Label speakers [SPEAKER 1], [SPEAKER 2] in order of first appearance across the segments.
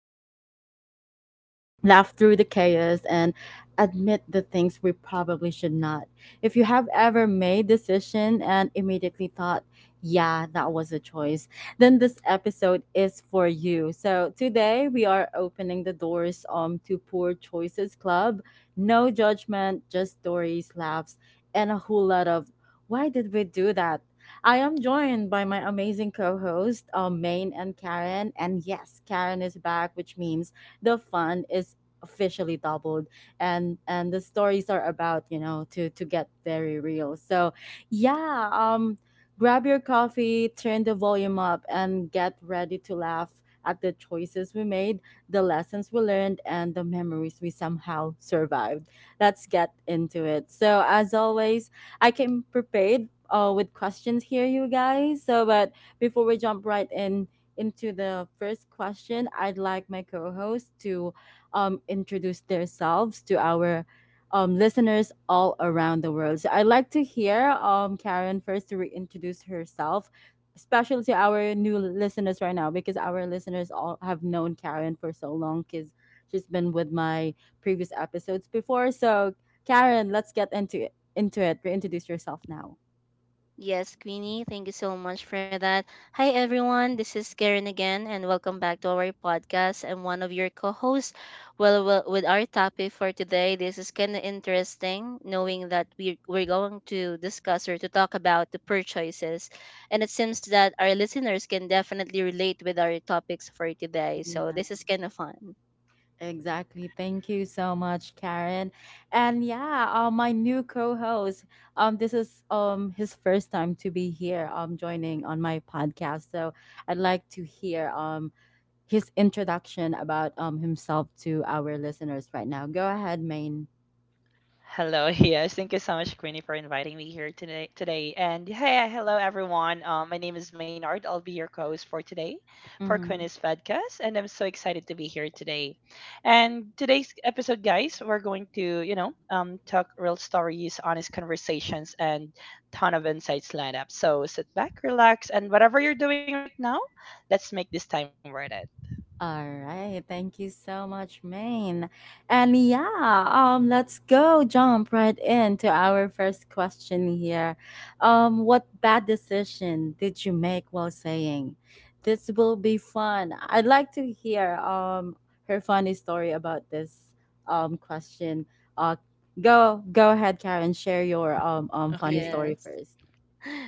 [SPEAKER 1] about life, laugh through the chaos, and admit the things we probably should not. If you have ever made decision and immediately thought, yeah, that was a choice, then this episode is for you. So today we are opening the doors to Poor Choices Club. No judgment, just stories, laughs, and a whole lot of why did we do that? I am joined by my amazing co-host, Maine and Karen. And yes, Karen is back, which means the fun is officially doubled, and the stories are about to get very real. So yeah um grab your coffee, turn the volume up, and get ready to laugh at the choices we made, the lessons we learned, and the memories we somehow survived. Let's get into it. So as always, I came prepared with questions here, you guys, so but before we jump right in into the first question, I'd like my co hosts to introduce themselves to our listeners all around the world. So I'd like to hear Karen first to reintroduce herself, especially to our new listeners right now, because our listeners all have known Karen for so long because she's been with my previous episodes before. So, Karen, let's get into it. Into it, reintroduce yourself now.
[SPEAKER 2] Yes, Queenie, thank you so much for that. Hi, everyone. This is Karen again, and welcome back to our podcast. I'm one of your co hosts. Well, with our topic for today, this is kind of interesting knowing that we're going to discuss or to talk about the purchases. And it seems that our listeners can definitely relate with our topics for today. So, this is kind of fun.
[SPEAKER 1] Exactly. Thank you so much, Karen. And yeah, my new co-host. This is his first time to be here. Joining on my podcast. So I'd like to hear his introduction about himself to our listeners right now. Go ahead, Maine.
[SPEAKER 3] Hello, yes. Thank you so much, Queenie, for inviting me here today. And hey, hello everyone. My name is Maynard. I'll be your co-host for today, for Queenie's podcast, and I'm so excited to be here today. And today's episode, guys, we're going to talk real stories, honest conversations, and ton of insights lined up. So sit back, relax, and whatever you're doing right now, let's make this time worth it.
[SPEAKER 1] All right, thank you so much, Maine. And yeah, let's go jump right into our first question here. What bad decision did you make while saying, "This will be fun"? I'd like to hear her funny story about this question. Uh,
[SPEAKER 3] Okay.
[SPEAKER 1] go ahead, Karen. Share your funny story
[SPEAKER 2] Yes.
[SPEAKER 1] first.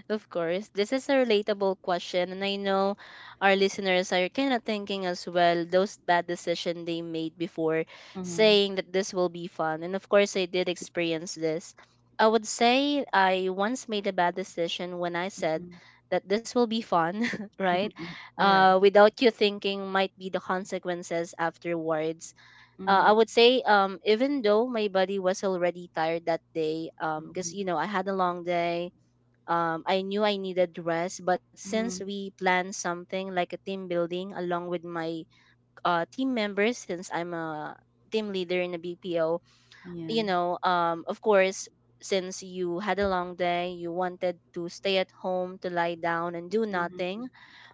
[SPEAKER 2] Of course, this is a relatable question, and I know our listeners are kind of thinking as well those bad decisions they made before
[SPEAKER 1] Mm-hmm.
[SPEAKER 2] saying that this will be fun. And of course, I did experience this. I would say I once made a bad decision when I said that this will be fun, right?
[SPEAKER 1] Mm-hmm. Yeah.
[SPEAKER 2] Without you thinking might be the consequences afterwards.
[SPEAKER 1] Mm-hmm.
[SPEAKER 2] I would say even though my body was already tired that day, because I had a long day. I knew I needed rest, but since
[SPEAKER 1] Mm-hmm.
[SPEAKER 2] we planned something like a team building along with my team members, since I'm a team leader in a BPO,
[SPEAKER 1] Yeah.
[SPEAKER 2] of course, since you had a long day, you wanted to stay at home to lie down and do
[SPEAKER 1] Mm-hmm.
[SPEAKER 2] nothing.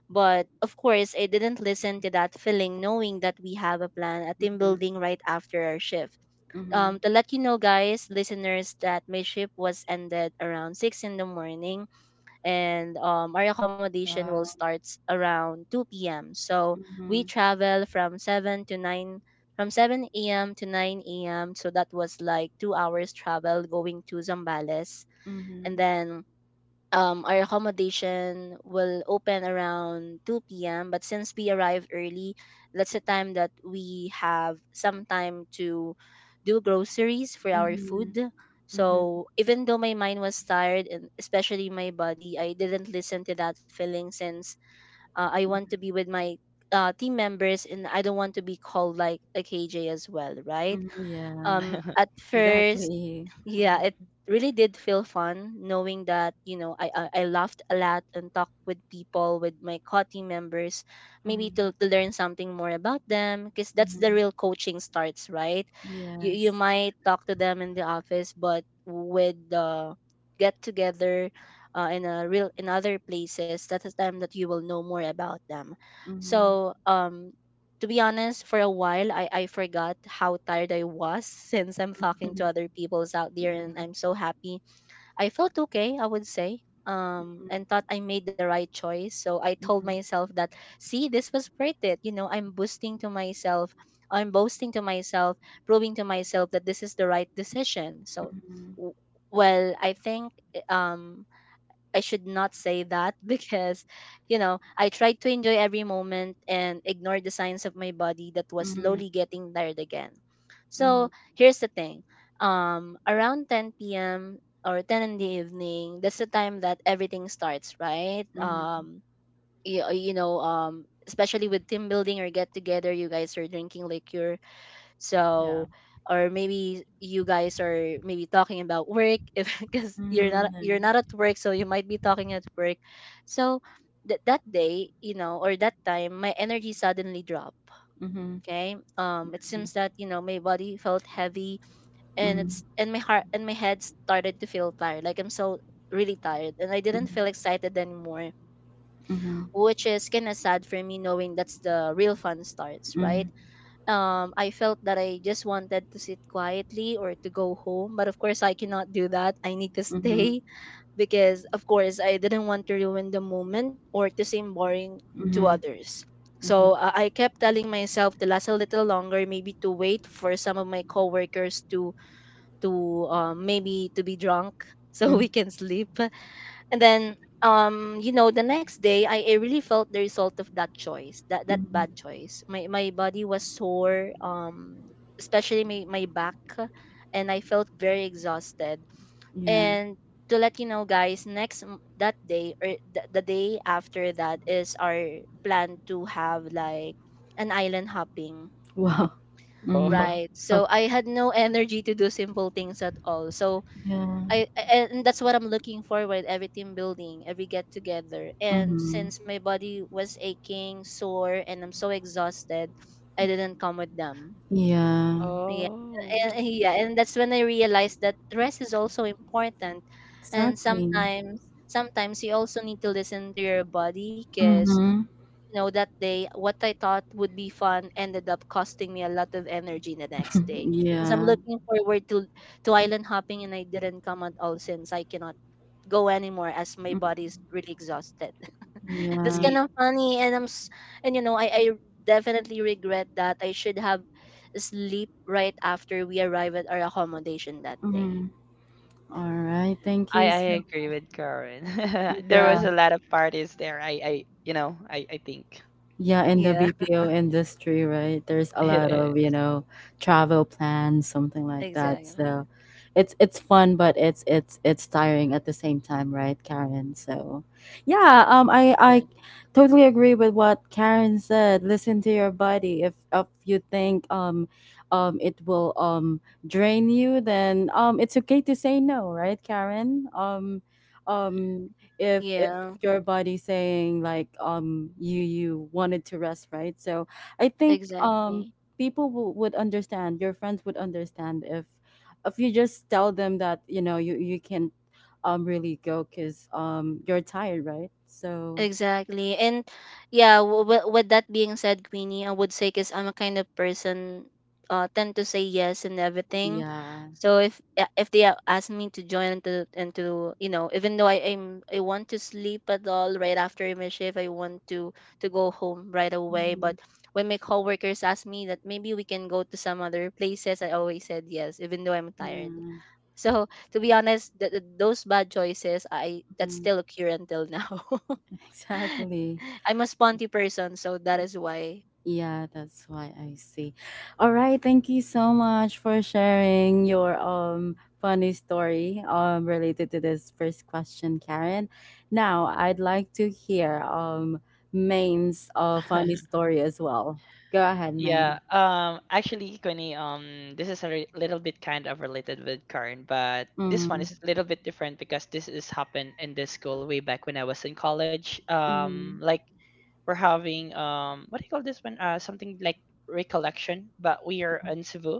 [SPEAKER 2] But of course, I didn't listen to that feeling, knowing that we have a plan, a team
[SPEAKER 1] Mhm,
[SPEAKER 2] building right after our shift.
[SPEAKER 1] mhm.
[SPEAKER 2] To let you know, guys, listeners, that my shift was ended around 6 in the morning, and our accommodation will
[SPEAKER 1] Wow.
[SPEAKER 2] start around 2 p.m. So we
[SPEAKER 1] Mhm,
[SPEAKER 2] travel from 7 to 9, from 7 a.m. to 9 a.m. So that was like 2 hours travel going to Zambales, and
[SPEAKER 1] mhm,
[SPEAKER 2] then our accommodation will open around 2 p.m. But since we arrived early, that's the time that we have some time to do groceries for
[SPEAKER 1] mhm,
[SPEAKER 2] our
[SPEAKER 1] mhm,
[SPEAKER 2] food.
[SPEAKER 1] mhm,
[SPEAKER 2] So even though my mind was tired and especially my body, I didn't listen to that feeling since I want to be with my team members, and I don't want to be called like a KJ as well, right?
[SPEAKER 1] mhm. Yeah,
[SPEAKER 2] At first,
[SPEAKER 1] exactly.
[SPEAKER 2] yeah,
[SPEAKER 1] Mhm,
[SPEAKER 2] it really did feel fun knowing that I laughed a lot and talked with people with my co team members, maybe
[SPEAKER 1] mhm,
[SPEAKER 2] to learn something more about them, because that's the
[SPEAKER 1] mhm.
[SPEAKER 2] real coaching starts, right? You
[SPEAKER 1] Yes.
[SPEAKER 2] might talk to them in the office, but with the get together, in a real in other places, that's the time that you will know more about them.
[SPEAKER 1] Mhm,
[SPEAKER 2] So to be honest, for a while, I forgot how tired I was since I'm talking to other peoples out there,
[SPEAKER 1] yeah.
[SPEAKER 2] and I'm so happy. I felt okay, I would say, and thought I made the right choice. So I told
[SPEAKER 1] Mhm,
[SPEAKER 2] myself that, see, this was worth it. You know, I'm boosting to myself, I'm boasting to myself, proving to myself that this is the right decision. So,
[SPEAKER 1] mhm,
[SPEAKER 2] w- well, I think I should not say that, because I tried to enjoy every moment and ignore the signs of my body that was
[SPEAKER 1] mhm, mhm,
[SPEAKER 2] slowly getting tired again. So
[SPEAKER 1] mhm,
[SPEAKER 2] here's the thing. Around 10 p.m., or 10 in the evening, that's the time that everything starts, right?
[SPEAKER 1] mhm, mhm,
[SPEAKER 2] Especially with team building or get together, you guys are drinking liquor,
[SPEAKER 3] Yeah.
[SPEAKER 2] so, or maybe you guys are maybe talking about work, if because you're not you're
[SPEAKER 1] mhm,
[SPEAKER 2] not at work, so you might be talking at work. So that day, or that time, my energy suddenly dropped.
[SPEAKER 1] mhm, mhm, mhm, mhm,
[SPEAKER 2] Okay. It seems that my body felt heavy, and my heart and my head started to feel tired. Like I'm so really tired, and I didn't feel excited anymore,
[SPEAKER 1] mhm,
[SPEAKER 2] which is kind of sad for me, knowing that's the real fun starts, right? I felt that I just wanted to sit quietly or to go home. But of course, I cannot do that. I need to
[SPEAKER 1] mhm,
[SPEAKER 2] stay, because, of course, I didn't want to ruin the moment or to seem boring to
[SPEAKER 1] mhm,
[SPEAKER 2] others. So I kept telling myself to last a little longer, maybe to wait for some of my coworkers to maybe to be drunk, so
[SPEAKER 1] mhm,
[SPEAKER 2] we can sleep. And then the next day, I really felt the result of that choice, that
[SPEAKER 1] mhm.
[SPEAKER 2] bad choice. My body was sore, especially my back, and I felt very exhausted.
[SPEAKER 1] Yeah.
[SPEAKER 2] And to let you know, guys, that day, or the day after that is our plan to have like an island hopping,
[SPEAKER 1] Wow. Mhm.
[SPEAKER 3] Oh.
[SPEAKER 2] right?
[SPEAKER 1] Oh,
[SPEAKER 2] So I had no energy to do simple things at all. so
[SPEAKER 1] yeah.
[SPEAKER 2] I a- and that's what I'm looking forward, every team building, every get together. And
[SPEAKER 1] Mhm.
[SPEAKER 2] since my body was aching, sore, and I'm so exhausted, I didn't come with them.
[SPEAKER 1] Yeah.
[SPEAKER 2] Yeah,
[SPEAKER 3] Oh.
[SPEAKER 2] yeah, and that's when I realized that rest is also important. And
[SPEAKER 1] Exactly.
[SPEAKER 2] sometimes you also need to listen to your body, because
[SPEAKER 1] Mm-hmm.
[SPEAKER 2] that day, what I thought would be fun ended up costing me a lot of energy the next day. Since I'm
[SPEAKER 1] Yeah.
[SPEAKER 2] looking forward to island hopping, and I didn't come at all since I cannot go anymore, as my
[SPEAKER 1] Mm.
[SPEAKER 2] body is really exhausted. That's
[SPEAKER 1] Yeah.
[SPEAKER 2] kind
[SPEAKER 3] Ye-
[SPEAKER 2] of funny, and and I definitely regret that I should have sleep right after we arrive at our accommodation that day.
[SPEAKER 1] Mm. All right. Thank
[SPEAKER 3] I
[SPEAKER 1] you
[SPEAKER 3] I
[SPEAKER 1] so.
[SPEAKER 3] agree with Karen. There
[SPEAKER 1] Yeah.
[SPEAKER 3] was a lot of parties there. I I think
[SPEAKER 1] Yeah, in the
[SPEAKER 2] Yeah,
[SPEAKER 1] BPO industry, right? There's a lot
[SPEAKER 2] yeah,
[SPEAKER 3] it
[SPEAKER 1] of, you know, travel plans, something like that.
[SPEAKER 2] exactly.
[SPEAKER 1] So it's fun, but it's tiring at the same time, right, Karen? So yeah,
[SPEAKER 2] Yeah,
[SPEAKER 1] I totally agree with what Karen said. Listen to your body. If you think it will drain you, then it's okay to say no, right, Karen? Um if
[SPEAKER 2] yeah,
[SPEAKER 1] your body saying like you wanted to rest, right? So I think
[SPEAKER 2] exactly.
[SPEAKER 1] people would understand, your friends would understand, if you just tell them that you can't really go because you're tired, right? So
[SPEAKER 2] Exactly. And yeah, with that being said, Queenie, I would say because I'm a kind of person tend to say yes and everything.
[SPEAKER 1] yeah.
[SPEAKER 2] So if yeah, if they ask me to join into even though I want to sleep at all right after my shift, I want to go home right away,
[SPEAKER 1] Mhm.
[SPEAKER 2] but when my coworkers ask me that maybe we can go to some other places, I always said yes even though I'm tired.
[SPEAKER 1] Yeah.
[SPEAKER 2] So to be honest, those bad choices I that's
[SPEAKER 1] Mhm.
[SPEAKER 2] still occur until now.
[SPEAKER 1] Exactly.
[SPEAKER 2] I'm a sponty person, so that is why.
[SPEAKER 1] Yeah, that's why I see. All right, thank you so much for sharing your funny story related to this first question, Karen. Now, I'd like to hear Main's funny
[SPEAKER 3] is.
[SPEAKER 1] story as well. Go ahead,
[SPEAKER 3] Yeah,
[SPEAKER 1] Main.
[SPEAKER 3] actually, Queenie, this is a little bit kind of related with Karen, but this one
[SPEAKER 1] Mm,
[SPEAKER 3] is a little bit different because this is happened in this school way back when I was in college.
[SPEAKER 1] mm,
[SPEAKER 3] Like we're having what do you call this one? Something like recollection, but we are in Cebu.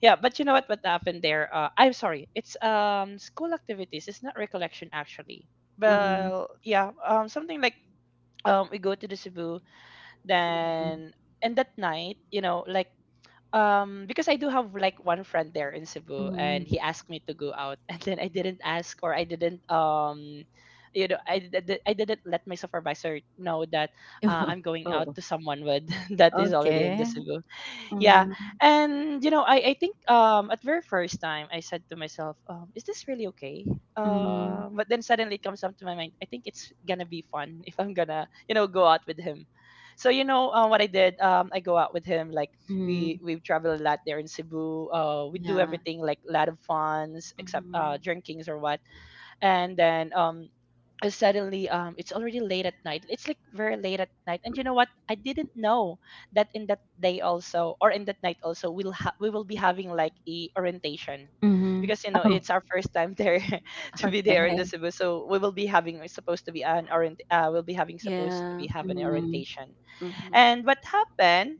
[SPEAKER 3] Yeah, but you know what? What happened there? I'm sorry, it's school activities. It's not recollection actually.
[SPEAKER 1] mm, mm,
[SPEAKER 3] Well, yeah, something like we go to the Cebu, then and that night, you know, like because I do have like one friend there in
[SPEAKER 1] mm,
[SPEAKER 3] Cebu,
[SPEAKER 1] mm.
[SPEAKER 3] and he asked me to go out, and then I didn't ask, or I didn't I didn't let my supervisor know that I'm going out
[SPEAKER 1] Oh,
[SPEAKER 3] to someone with that is already in the
[SPEAKER 1] okay.
[SPEAKER 3] Cebu. Yeah,
[SPEAKER 1] Mm,
[SPEAKER 3] and I think at very first time I said to myself, is this really okay?
[SPEAKER 1] mm,
[SPEAKER 3] But then suddenly it comes up to my mind, I think it's gonna be fun, if I'm gonna go out with him. So what I did, I go out with him. Like, we
[SPEAKER 1] mm,
[SPEAKER 3] we've traveled a lot there in Cebu. We do
[SPEAKER 1] yeah.
[SPEAKER 3] everything like a lot of funs, except
[SPEAKER 1] Mm,
[SPEAKER 3] drinkings or what. And then suddenly, it's already late at night, it's like very late at night, and you know what, I didn't know that in that day also, or in that night also, we will be having like a orientation.
[SPEAKER 1] mm.
[SPEAKER 3] Because
[SPEAKER 1] Oh,
[SPEAKER 3] it's our first time there, to be there in the
[SPEAKER 1] okay.
[SPEAKER 3] Cebu, so we're supposed to be an orient we'll be having, supposed to
[SPEAKER 2] Yeah.
[SPEAKER 3] be have an
[SPEAKER 1] Mm.
[SPEAKER 3] orientation.
[SPEAKER 2] Mm-hmm.
[SPEAKER 3] And what happened,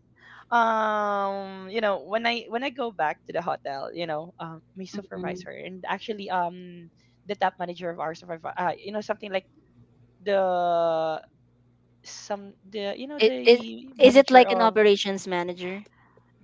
[SPEAKER 3] when I go back to the hotel, my
[SPEAKER 1] Mhm.
[SPEAKER 3] supervisor, and actually, the top manager of our supervisor, something like the, some the
[SPEAKER 2] It, it,
[SPEAKER 3] the
[SPEAKER 2] is it
[SPEAKER 3] manager
[SPEAKER 2] like an
[SPEAKER 3] of,
[SPEAKER 2] operations manager?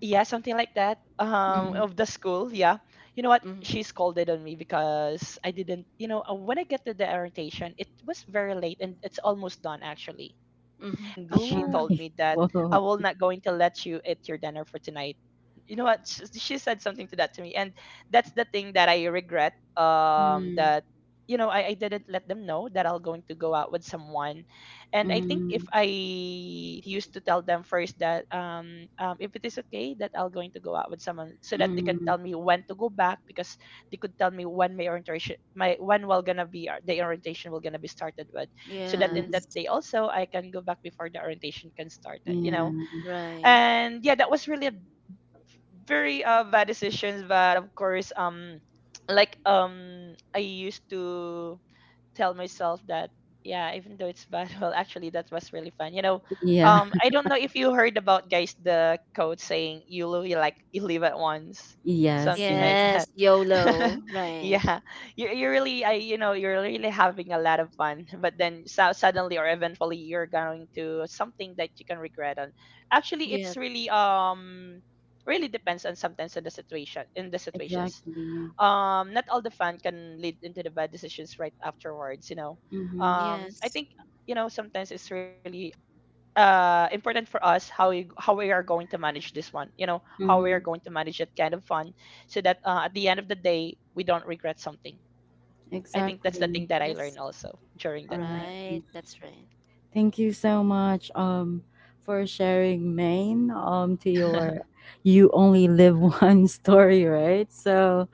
[SPEAKER 3] yeah, something like that,
[SPEAKER 1] Mhm.
[SPEAKER 2] Mm-hmm,
[SPEAKER 3] of the school. Yeah, you know what,
[SPEAKER 2] mm-hmm,
[SPEAKER 3] she scolded on me because I didn't, when I get to the orientation, it was very late and it's almost done actually.
[SPEAKER 2] mm-hmm.
[SPEAKER 3] And she
[SPEAKER 1] Uh-huh.
[SPEAKER 3] told
[SPEAKER 2] Oh,
[SPEAKER 3] me that, I
[SPEAKER 1] Wow.
[SPEAKER 3] will not going to let you eat your dinner for tonight. You know what, she said something to that to me. And that's the thing that I regret,
[SPEAKER 1] Mm.
[SPEAKER 3] that, you know, I didn't let them know that I'll going to go out with someone. And I think, if
[SPEAKER 1] Mhm.
[SPEAKER 3] I used to tell them first that, if it is okay that I'll going to go out with someone, so that they can
[SPEAKER 1] Hmm.
[SPEAKER 3] tell me when to go back, because they could tell me when my orientation, my when will gonna be, the orientation will gonna be started with, so that in
[SPEAKER 1] Mhm.
[SPEAKER 3] that
[SPEAKER 2] yes.
[SPEAKER 3] day also I can go back before the orientation can started.
[SPEAKER 1] Yeah.
[SPEAKER 2] Right.
[SPEAKER 3] And yeah, that was really a very bad decisions. But of course, like, I used to tell myself that, yeah, even though it's bad, well actually that was really fun.
[SPEAKER 1] Yeah.
[SPEAKER 3] I don't know if you heard about, guys, the quote saying you live like you live at once,
[SPEAKER 1] Yes,
[SPEAKER 3] something like
[SPEAKER 1] yes.
[SPEAKER 2] Yes,
[SPEAKER 3] that.
[SPEAKER 2] YOLO. Right.
[SPEAKER 3] Yeah, you really, I, you know you're really having a lot of fun, but then so suddenly or eventually you're going to something that you can regret. And actually, it's
[SPEAKER 2] Yep.
[SPEAKER 3] really, really depends on, sometimes on the situation, in the situations.
[SPEAKER 1] Exactly.
[SPEAKER 3] Not all the fun can lead into the bad decisions right afterwards.
[SPEAKER 1] Mhm.
[SPEAKER 3] I
[SPEAKER 2] Yes.
[SPEAKER 3] think, sometimes it's really important for us how we, are going to manage this one, how we are
[SPEAKER 1] Mhm.
[SPEAKER 3] going to manage it kind of fun, so that, at the end of the day we don't regret something. I think that's the thing
[SPEAKER 1] Exactly.
[SPEAKER 3] that I learned
[SPEAKER 2] Yes.
[SPEAKER 3] also during that time.
[SPEAKER 1] Alright.
[SPEAKER 2] Right. That's right.
[SPEAKER 1] Thank you so much, for sharing, Maine, to your "You Only Live one" story, right? So,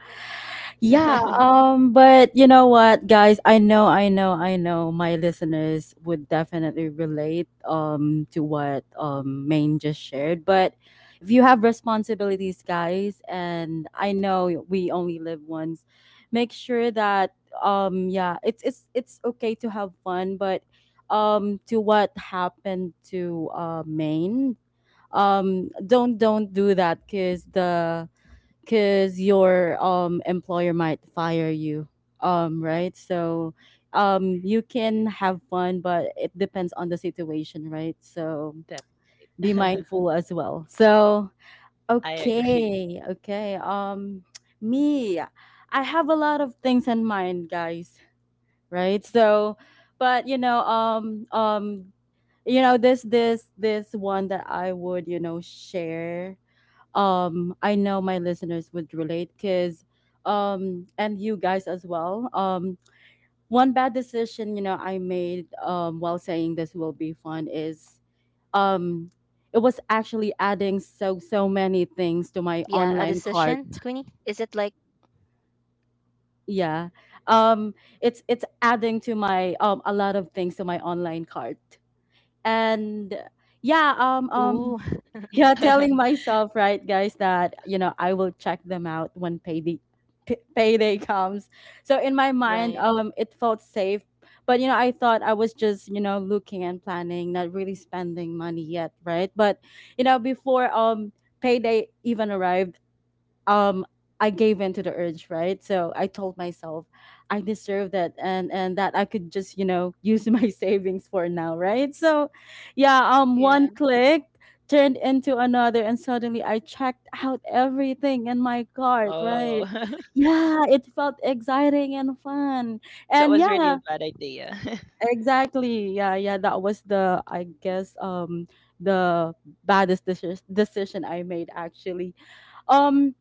[SPEAKER 1] yeah, but you know what, guys? I know, I know, I know my listeners would definitely relate to what Maine just shared. But if you have responsibilities, guys, and I know we only live once, make sure that yeah, it's it's okay to have fun, but to what happened to Maine, don't do that because the because your employer might fire you, right? So you can have fun, but it depends on the situation, right? So
[SPEAKER 3] That.
[SPEAKER 1] be mindful as well. So
[SPEAKER 3] I agree.
[SPEAKER 1] okay, okay, me, I have a lot of things in mind, guys, right? So but you know, you know, this one that I would, you know, share. I know my listeners would relate because and you guys as well. One bad decision, you know, I made while saying this will be fun is um
[SPEAKER 2] Yeah, a
[SPEAKER 1] it was
[SPEAKER 2] decision,
[SPEAKER 1] actually
[SPEAKER 2] Queenie?
[SPEAKER 1] adding
[SPEAKER 2] Is it like,
[SPEAKER 1] many things to my online cart. Yeah, um it's adding to my a lot of things to my online cart. And
[SPEAKER 2] ooh,
[SPEAKER 1] yeah, yeah, telling myself, right, guys, that you know, I will check them out when payday payday comes. So in my mind,
[SPEAKER 2] right.
[SPEAKER 1] it felt safe, but you know, I thought I was just, you know, looking and planning, not really spending money yet, right? But you know, before payday even arrived, um I gave in to the urge, right? So I told myself I deserve that, and that I could just, you know, use my savings for now, right? So yeah, one
[SPEAKER 2] Yeah.
[SPEAKER 1] click turned into another, and suddenly I checked out everything in my cart, right?
[SPEAKER 3] Oh.
[SPEAKER 1] Yeah, it felt exciting and fun.
[SPEAKER 3] That
[SPEAKER 1] And
[SPEAKER 3] was really
[SPEAKER 1] yeah,
[SPEAKER 3] a bad idea.
[SPEAKER 1] exactly. Yeah, yeah, that was the, I guess, the baddest decision I made, actually. Um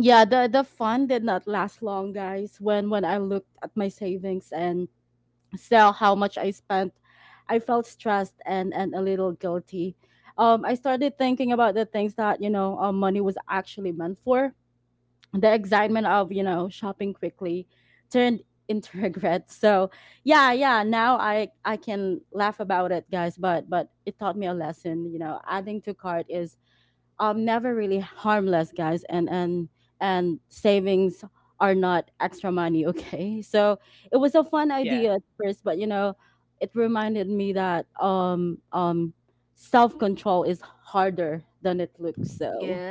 [SPEAKER 1] yeah, the fun did not last long, guys, when I looked at my savings and saw how much I spent. I felt stressed and a little guilty. I started thinking about the things that, you know, money was actually meant for. The excitement of, you know, shopping quickly turned into regret. So yeah, yeah, now I can laugh about it, guys, but it taught me a lesson. You know, adding to cart is never really harmless, guys, and savings are not extra money okay? So it was a fun
[SPEAKER 3] Yeah.
[SPEAKER 1] idea at first, but you know, it reminded me that self control is harder than it looks. So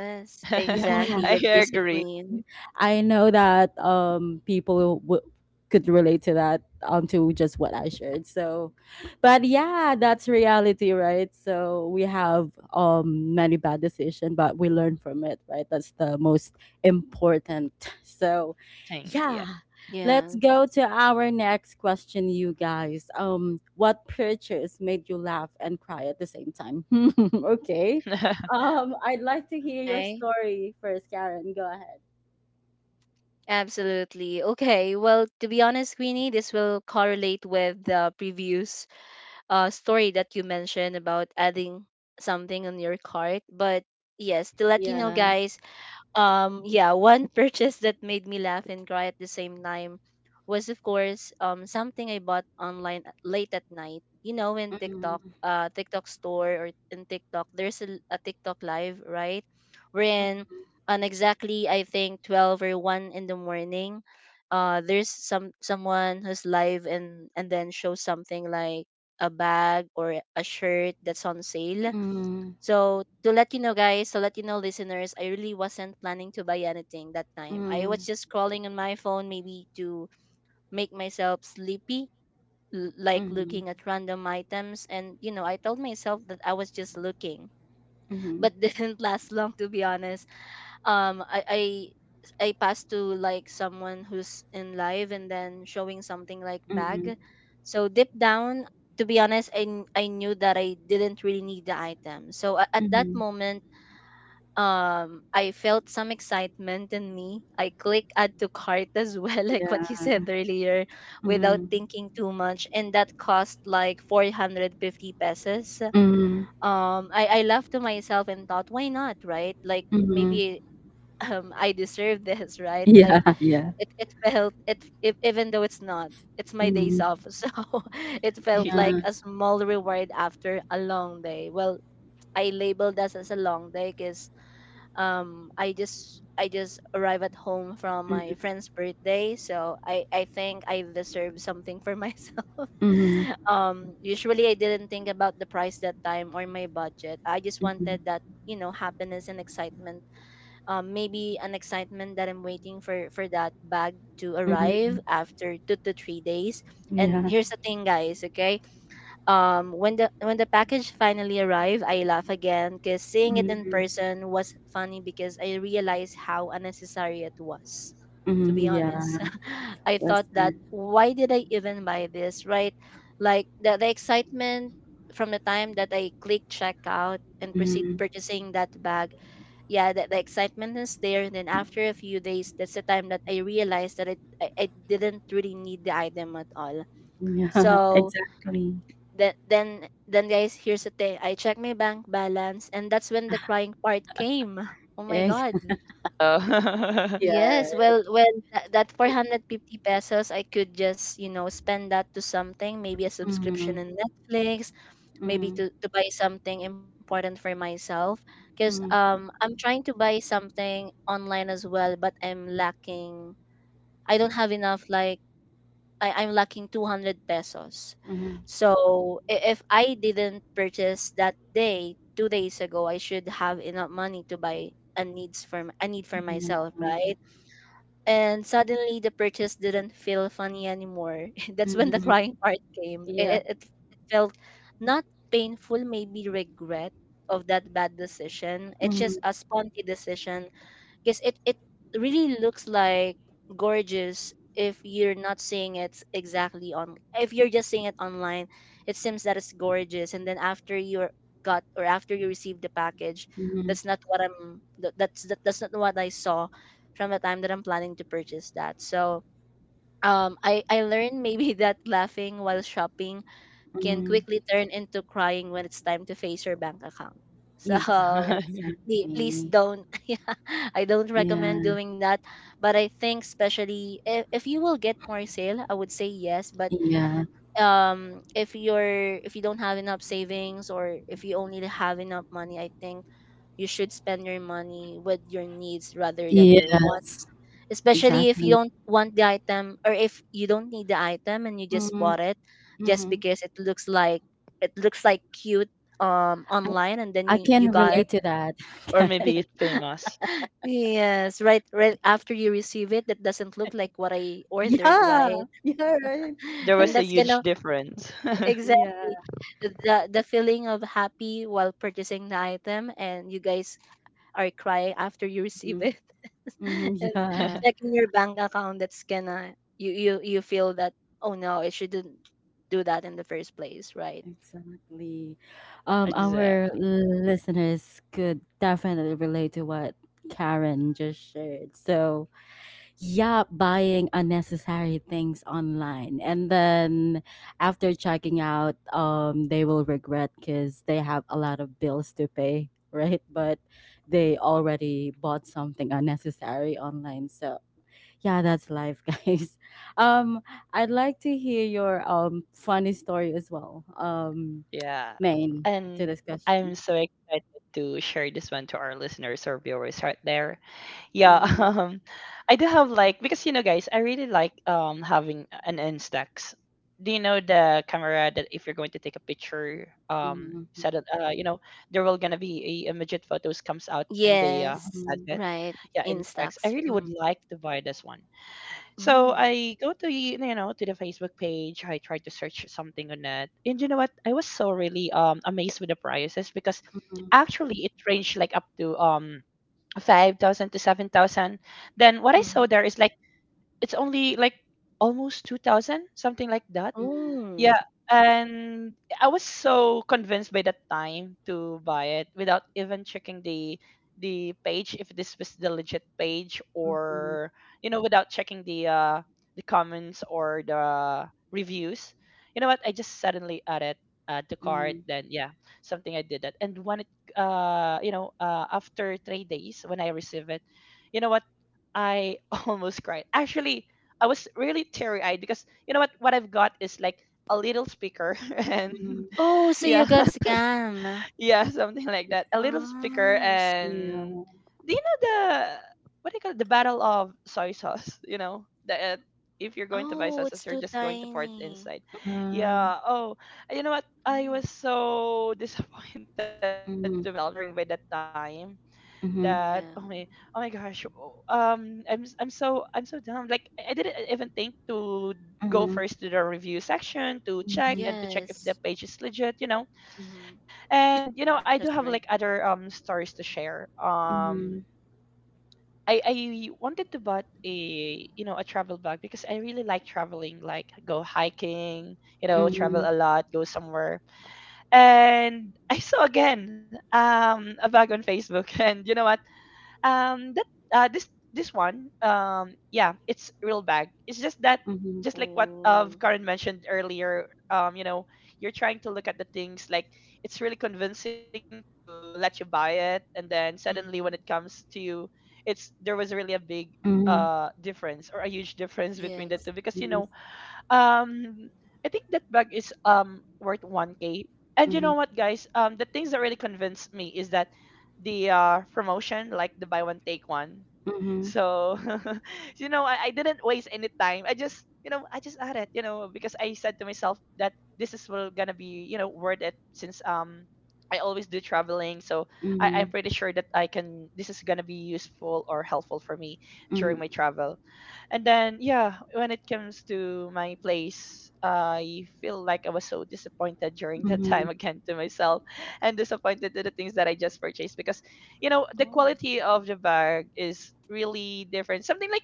[SPEAKER 1] yeah,
[SPEAKER 2] Yes,
[SPEAKER 3] I
[SPEAKER 2] exactly. The
[SPEAKER 3] agree.
[SPEAKER 2] discipline.
[SPEAKER 1] I know that people could relate to that, to just what I shared. So, but yeah, that's reality, right? So we have many bad decisions, but we learn from it, right? That's the most important. So,
[SPEAKER 3] Thing.
[SPEAKER 1] yeah,
[SPEAKER 3] Yeah.
[SPEAKER 1] let's go to
[SPEAKER 2] Yes.
[SPEAKER 1] our next question, you guys. What purchase made you laugh and cry at the same time? Okay. I'd like to hear your
[SPEAKER 2] Okay.
[SPEAKER 1] story first, Karen. Go ahead.
[SPEAKER 2] Absolutely. Okay. Well, to be honest, Queenie, this will correlate with the previous story that you mentioned about adding something on your cart. But yes, to let you know,
[SPEAKER 1] Yeah.
[SPEAKER 2] guys, yeah, one purchase that made me laugh and cry at the same time was of course something I bought online late at night. In
[SPEAKER 1] Mhm.
[SPEAKER 2] TikTok, TikTok store, or in TikTok, there's a TikTok live, right? Wherein
[SPEAKER 1] Mhm.
[SPEAKER 2] on exactly I think 12 or 1 in the morning, there's someone who's live, and then shows something like a bag or a shirt that's on sale. So to let you know, guys, to let you know, listeners, I really wasn't planning to buy anything that time. I was
[SPEAKER 1] Mhm.
[SPEAKER 2] just scrolling on my phone, maybe to make myself sleepy, like
[SPEAKER 1] Mhm.
[SPEAKER 2] looking at random items. And I told myself that I was just looking,
[SPEAKER 1] Mhm.
[SPEAKER 2] but didn't last long, to be honest. Um, I. I I passed to like someone who's in live and then showing something like
[SPEAKER 1] Mhm.
[SPEAKER 2] bag. So deep down, to be honest, I knew that I didn't really need the item. So at that
[SPEAKER 1] Mhm.
[SPEAKER 2] moment, I felt some excitement in me. I click add to cart as well, like what you
[SPEAKER 1] Yeah.
[SPEAKER 2] said earlier, without
[SPEAKER 1] Mhm.
[SPEAKER 2] thinking too much, and that cost like 450 pesos.
[SPEAKER 1] Mhm.
[SPEAKER 2] I laughed to myself and thought, why not, right? Like
[SPEAKER 1] Mhm.
[SPEAKER 2] maybe I deserve this, right? Like
[SPEAKER 1] Yeah. Yeah.
[SPEAKER 2] it felt it if, even though it's not. It's my days
[SPEAKER 1] Mhm.
[SPEAKER 2] off, so it
[SPEAKER 3] He-
[SPEAKER 2] felt like
[SPEAKER 1] Yeah.
[SPEAKER 2] a small reward after a long day. Well, I labeled this as a long day because I just arrived at home from my friend's birthday, so I think I deserve something for myself.
[SPEAKER 1] Mhm. Mhm.
[SPEAKER 2] Usually I didn't think about the price that time or my budget. I just
[SPEAKER 1] Mhm.
[SPEAKER 2] wanted that happiness and excitement, maybe an excitement that I'm waiting for that bag to arrive
[SPEAKER 1] Mhm.
[SPEAKER 2] after 2 to 3 days. And
[SPEAKER 1] Yeah.
[SPEAKER 2] here's the thing, guys, okay, when the package finally arrived, I laugh again because seeing it in
[SPEAKER 1] Mhm.
[SPEAKER 2] person was funny, because I realized how unnecessary it was. To be
[SPEAKER 1] Mhm.
[SPEAKER 2] honest,
[SPEAKER 1] Yeah.
[SPEAKER 2] I
[SPEAKER 1] That's
[SPEAKER 2] thought that,
[SPEAKER 1] right.
[SPEAKER 2] why did I even buy this, right? Like the excitement from the time that I click checkout and proceed
[SPEAKER 1] Mhm.
[SPEAKER 2] purchasing that bag, yeah, the excitement is there, and then after a few days that's the time that I realized that I didn't really need the item at all.
[SPEAKER 1] Yeah.
[SPEAKER 2] So
[SPEAKER 1] Exactly.
[SPEAKER 2] then then then, guys, here's the thing, I checked my bank balance, and that's when the crying part came. Oh my
[SPEAKER 1] Ex-
[SPEAKER 2] god.
[SPEAKER 3] uh,
[SPEAKER 1] Yeah.
[SPEAKER 2] Yes,
[SPEAKER 1] Right.
[SPEAKER 2] well that 450 pesos I could just, you know, spend that to something, maybe a subscription
[SPEAKER 1] Mhm.
[SPEAKER 2] in Netflix, maybe
[SPEAKER 1] Mhm.
[SPEAKER 2] to buy something important for myself, because I'm trying to buy something online as well, but I'm lacking. I don't have enough, like I'm lacking 200 pesos.
[SPEAKER 1] Mhm.
[SPEAKER 2] So if I didn't purchase that day, 2 days ago, I should have enough money to buy a need for
[SPEAKER 1] Mhm.
[SPEAKER 2] myself,
[SPEAKER 1] Yeah.
[SPEAKER 2] right? And suddenly the purchase didn't feel funny anymore. That's when the
[SPEAKER 1] Mhm.
[SPEAKER 2] crying part came. It,
[SPEAKER 1] Yeah.
[SPEAKER 2] it, it it felt not painful, maybe regret of that bad decision. It's just
[SPEAKER 1] Mhm.
[SPEAKER 2] a sponty decision, because it really looks like gorgeous if you're not seeing it exactly on, if you're just seeing it online, it seems that it's gorgeous. And then after you got, or after you receive the package,
[SPEAKER 1] Mhm.
[SPEAKER 2] that's not what I'm that, that's not what I saw from the time that I'm planning to purchase that. So I learned maybe that laughing while shopping can
[SPEAKER 1] Mhm.
[SPEAKER 2] quickly turn into crying when it's time to face your bank account.
[SPEAKER 1] Ex
[SPEAKER 2] So Please
[SPEAKER 1] exactly.
[SPEAKER 2] don't, yeah, I don't recommend
[SPEAKER 1] Yeah,
[SPEAKER 2] doing that. But I think especially if you will get more sale, I would say yes. But
[SPEAKER 1] yeah,
[SPEAKER 2] if you're, if you don't have enough savings, or if you only have enough money, I think you should spend your money with your needs rather than your
[SPEAKER 1] yes,
[SPEAKER 2] wants, especially if you
[SPEAKER 1] exactly.
[SPEAKER 2] don't want the item, or if you don't need the item and you just
[SPEAKER 1] Mhm,
[SPEAKER 2] bought it just
[SPEAKER 1] mhm.
[SPEAKER 2] because it looks like, it looks like cute
[SPEAKER 1] I
[SPEAKER 2] online, and then
[SPEAKER 1] I
[SPEAKER 2] you
[SPEAKER 1] can
[SPEAKER 2] got
[SPEAKER 1] relate to that.
[SPEAKER 3] or
[SPEAKER 2] it.
[SPEAKER 3] maybe it's famous.
[SPEAKER 2] Yes, right, right after you receive it, that doesn't look like what I ordered,
[SPEAKER 1] Yeah,
[SPEAKER 2] right?
[SPEAKER 1] yeah, right.
[SPEAKER 3] There
[SPEAKER 2] And
[SPEAKER 3] was a
[SPEAKER 2] that's kind
[SPEAKER 3] huge
[SPEAKER 2] of
[SPEAKER 3] difference.
[SPEAKER 2] exactly
[SPEAKER 1] Yeah.
[SPEAKER 2] the feeling of happy while purchasing the item, and you guys are crying after you receive it,
[SPEAKER 1] Mm-hmm,
[SPEAKER 2] and
[SPEAKER 1] yeah,
[SPEAKER 2] checking your bank account. That's gonna, you feel that, oh no, I shouldn't do that in the first place, right?
[SPEAKER 1] exactly.
[SPEAKER 3] Exactly.
[SPEAKER 1] Our listeners could definitely relate to what Karen just shared. So, yeah, buying unnecessary things online, and then after checking out they will regret because they have a lot of bills to pay right? But they already bought something unnecessary online. So yeah, that's life guys. um I'd like to hear your funny story as well,
[SPEAKER 3] Yeah.
[SPEAKER 1] Main,
[SPEAKER 3] And
[SPEAKER 1] to this
[SPEAKER 3] I'm
[SPEAKER 1] question.
[SPEAKER 3] so excited to share this one to our listeners or viewers right there. Yeah.
[SPEAKER 1] Mm-hmm,
[SPEAKER 3] I do have like, because you know, guys, I really like having an Instax. Do you know the camera that if you're going to take a picture,
[SPEAKER 1] mm-hmm,
[SPEAKER 3] set it, there will gonna be a immediate photos comes out in the
[SPEAKER 2] Yes,
[SPEAKER 1] mm-hmm,
[SPEAKER 3] advert.
[SPEAKER 2] right.
[SPEAKER 3] Yeah,
[SPEAKER 2] In
[SPEAKER 3] insects I
[SPEAKER 2] stocks.
[SPEAKER 3] really would
[SPEAKER 2] Mm,
[SPEAKER 3] like to buy this one. So
[SPEAKER 2] mm,
[SPEAKER 3] I go to, to the Facebook page. I try to search something on it, and you know what, I was so really amazed with the prices because
[SPEAKER 1] mm-hmm,
[SPEAKER 3] actually it ranged like up to 5000 to 7000. Then what I saw
[SPEAKER 2] mm.
[SPEAKER 3] there is like, it's only like almost 2000, something like that.
[SPEAKER 1] mm-hmm,
[SPEAKER 2] Oh,
[SPEAKER 3] Yeah, and I was so convinced by the time to buy it without even checking the, page if this was the legit page,
[SPEAKER 1] mm-hmm,
[SPEAKER 3] or without checking the, comments or the reviews. You know what, I just suddenly added, to cart.
[SPEAKER 1] mm-hmm.
[SPEAKER 3] Then yeah, something I did that. And when it, after 3 days, when I received it, you know what, I almost cried. Actually, I was really teary eyed, because you know what, I've got is like a little speaker.
[SPEAKER 1] Mm-hmm.
[SPEAKER 3] And
[SPEAKER 2] oh, so you
[SPEAKER 3] yeah,
[SPEAKER 2] got scam.
[SPEAKER 3] yeah, something like that, a little speaker.
[SPEAKER 2] Oh, I see.
[SPEAKER 1] Yeah.
[SPEAKER 3] And do you know the, what do you call it, the battle of soy sauce? You know that, if you're going to buy
[SPEAKER 2] Oh,
[SPEAKER 3] sauces,
[SPEAKER 2] it's
[SPEAKER 3] you're
[SPEAKER 2] too
[SPEAKER 3] just going to pour it
[SPEAKER 2] tiny.
[SPEAKER 3] inside.
[SPEAKER 1] Ah,
[SPEAKER 3] Yeah, oh, you know what, I
[SPEAKER 2] Oh,
[SPEAKER 3] was so disappointed to myself
[SPEAKER 1] mhm,
[SPEAKER 3] during by that time. That,
[SPEAKER 1] mhm,
[SPEAKER 2] yeah.
[SPEAKER 3] oh my gosh, oh, I'm so, dumb. Like, I didn't even think to go
[SPEAKER 1] mhm,
[SPEAKER 3] first to the review section to check,
[SPEAKER 1] mhm,
[SPEAKER 3] and to check if the
[SPEAKER 2] Yes.
[SPEAKER 3] page is legit.
[SPEAKER 2] Mm-hmm.
[SPEAKER 3] And I do
[SPEAKER 2] That's
[SPEAKER 3] have like
[SPEAKER 2] right.
[SPEAKER 3] other stories to share.
[SPEAKER 2] Mm-hmm.
[SPEAKER 1] mhm,
[SPEAKER 3] I wanted to bought a, a travel bag, because I really like traveling, like go hiking,
[SPEAKER 2] Mm-hmm.
[SPEAKER 3] travel a lot, go somewhere. And I saw again, a bag on Facebook. And you know what, that this one, yeah, it's real bag, it's just that,
[SPEAKER 1] mhm,
[SPEAKER 3] just like what
[SPEAKER 2] Oh.
[SPEAKER 3] of Karen mentioned earlier. You're trying to look at the things like, it's really convincing to let you buy it, and then suddenly when
[SPEAKER 2] Mm-hmm.
[SPEAKER 3] it comes to you, it's there was really a big,
[SPEAKER 1] mhm,
[SPEAKER 3] difference, or a huge difference between the two.
[SPEAKER 2] Yes.
[SPEAKER 3] Because, um, I think that bag is worth 1K. And you know what, guys, the things that really convinced me is that the promotion, like the buy one take one. So, I didn't waste any time. I just had it, because I said to myself that this is well gonna be, worth it since I always do traveling. So I'm
[SPEAKER 1] mhm,
[SPEAKER 3] pretty sure that I can this is gonna be useful or helpful for me during my travel. And then yeah, when it comes to my place, I feel like I was so disappointed during
[SPEAKER 1] yes,
[SPEAKER 3] that
[SPEAKER 1] mhm,
[SPEAKER 3] time again to myself and disappointed to the things that I just purchased because you know the
[SPEAKER 2] Oh.
[SPEAKER 3] quality of the bag is really different something like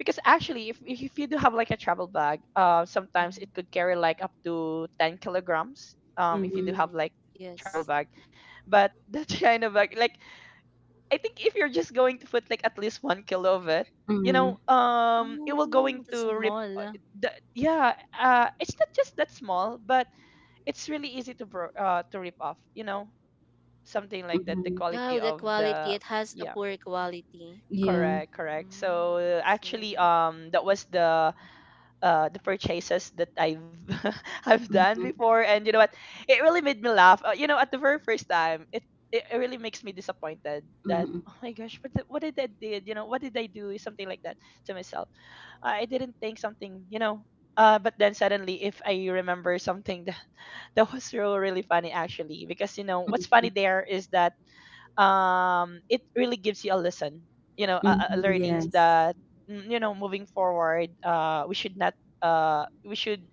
[SPEAKER 3] because actually if you do have like a travel bag sometimes it
[SPEAKER 2] Mm-hmm.
[SPEAKER 3] could carry like up to 10 kilograms.
[SPEAKER 1] mhm, mhm, mhm, mhm,
[SPEAKER 3] If you do have
[SPEAKER 2] Mm-hmm.
[SPEAKER 3] like travel bag,
[SPEAKER 2] Yes.
[SPEAKER 3] but that china bag like I think if you're just going to put like at least 1 kilo of it,
[SPEAKER 1] mhm, mhm,
[SPEAKER 3] it will going
[SPEAKER 2] Oh,
[SPEAKER 3] to
[SPEAKER 2] that's a
[SPEAKER 3] rip
[SPEAKER 2] mall.
[SPEAKER 3] the, yeah it's not just that small, but it's really easy to to rip off, you know, something like that, the
[SPEAKER 1] mhm,
[SPEAKER 2] Oh,
[SPEAKER 3] quality
[SPEAKER 2] the
[SPEAKER 3] of
[SPEAKER 2] quality.
[SPEAKER 3] the
[SPEAKER 2] It has a
[SPEAKER 3] yeah.
[SPEAKER 2] poor quality.
[SPEAKER 1] yeah,
[SPEAKER 3] Correct, correct. So
[SPEAKER 2] Mm, okay.
[SPEAKER 3] actually, that was the purchases that I've I've done
[SPEAKER 1] mhm,
[SPEAKER 3] before, and you know what? It really made me laugh. You know, at the very first time, it it really makes me disappointed that
[SPEAKER 1] mhm,
[SPEAKER 3] oh my gosh, what did I did? You know, what did I do? Something like that to myself. I didn't think something, you know. But then suddenly, if I remember something that, that was really funny actually, because you know what's funny
[SPEAKER 1] mhm,
[SPEAKER 3] there is that it really gives you a lesson, you know,
[SPEAKER 1] mhm,
[SPEAKER 3] a learnings
[SPEAKER 1] yes,
[SPEAKER 3] that you know, moving forward, we should not we should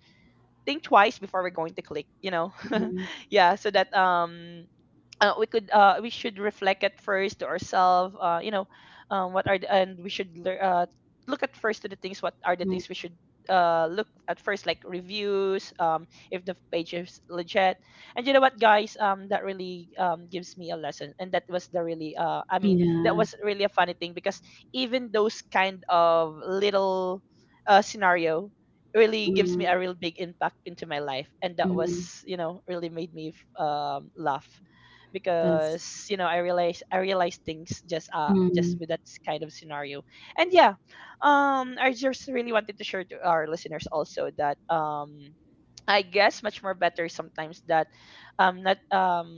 [SPEAKER 3] think twice before we're going to click, you know.
[SPEAKER 1] mhm,
[SPEAKER 3] Yeah, so that we could we should reflect at first to ourselves, you know, what are the, and we should look at first to the things, what are the
[SPEAKER 1] mhm,
[SPEAKER 3] things we should look at first like reviews, if the page is legit. And you know what guys, that really, gives me a lesson, and that was the really I mean that
[SPEAKER 1] yeah,
[SPEAKER 3] was really a funny thing because even those kind of little scenario really gives me
[SPEAKER 1] mhm,
[SPEAKER 3] a real big impact into my life, and that
[SPEAKER 1] mhm,
[SPEAKER 3] was, you know, really made me laugh
[SPEAKER 1] that's,
[SPEAKER 3] because you know I realize things just
[SPEAKER 1] mhm,
[SPEAKER 3] with that kind of scenario. And yeah, I just really wanted to share to our listeners also that. I guess much more better sometimes that not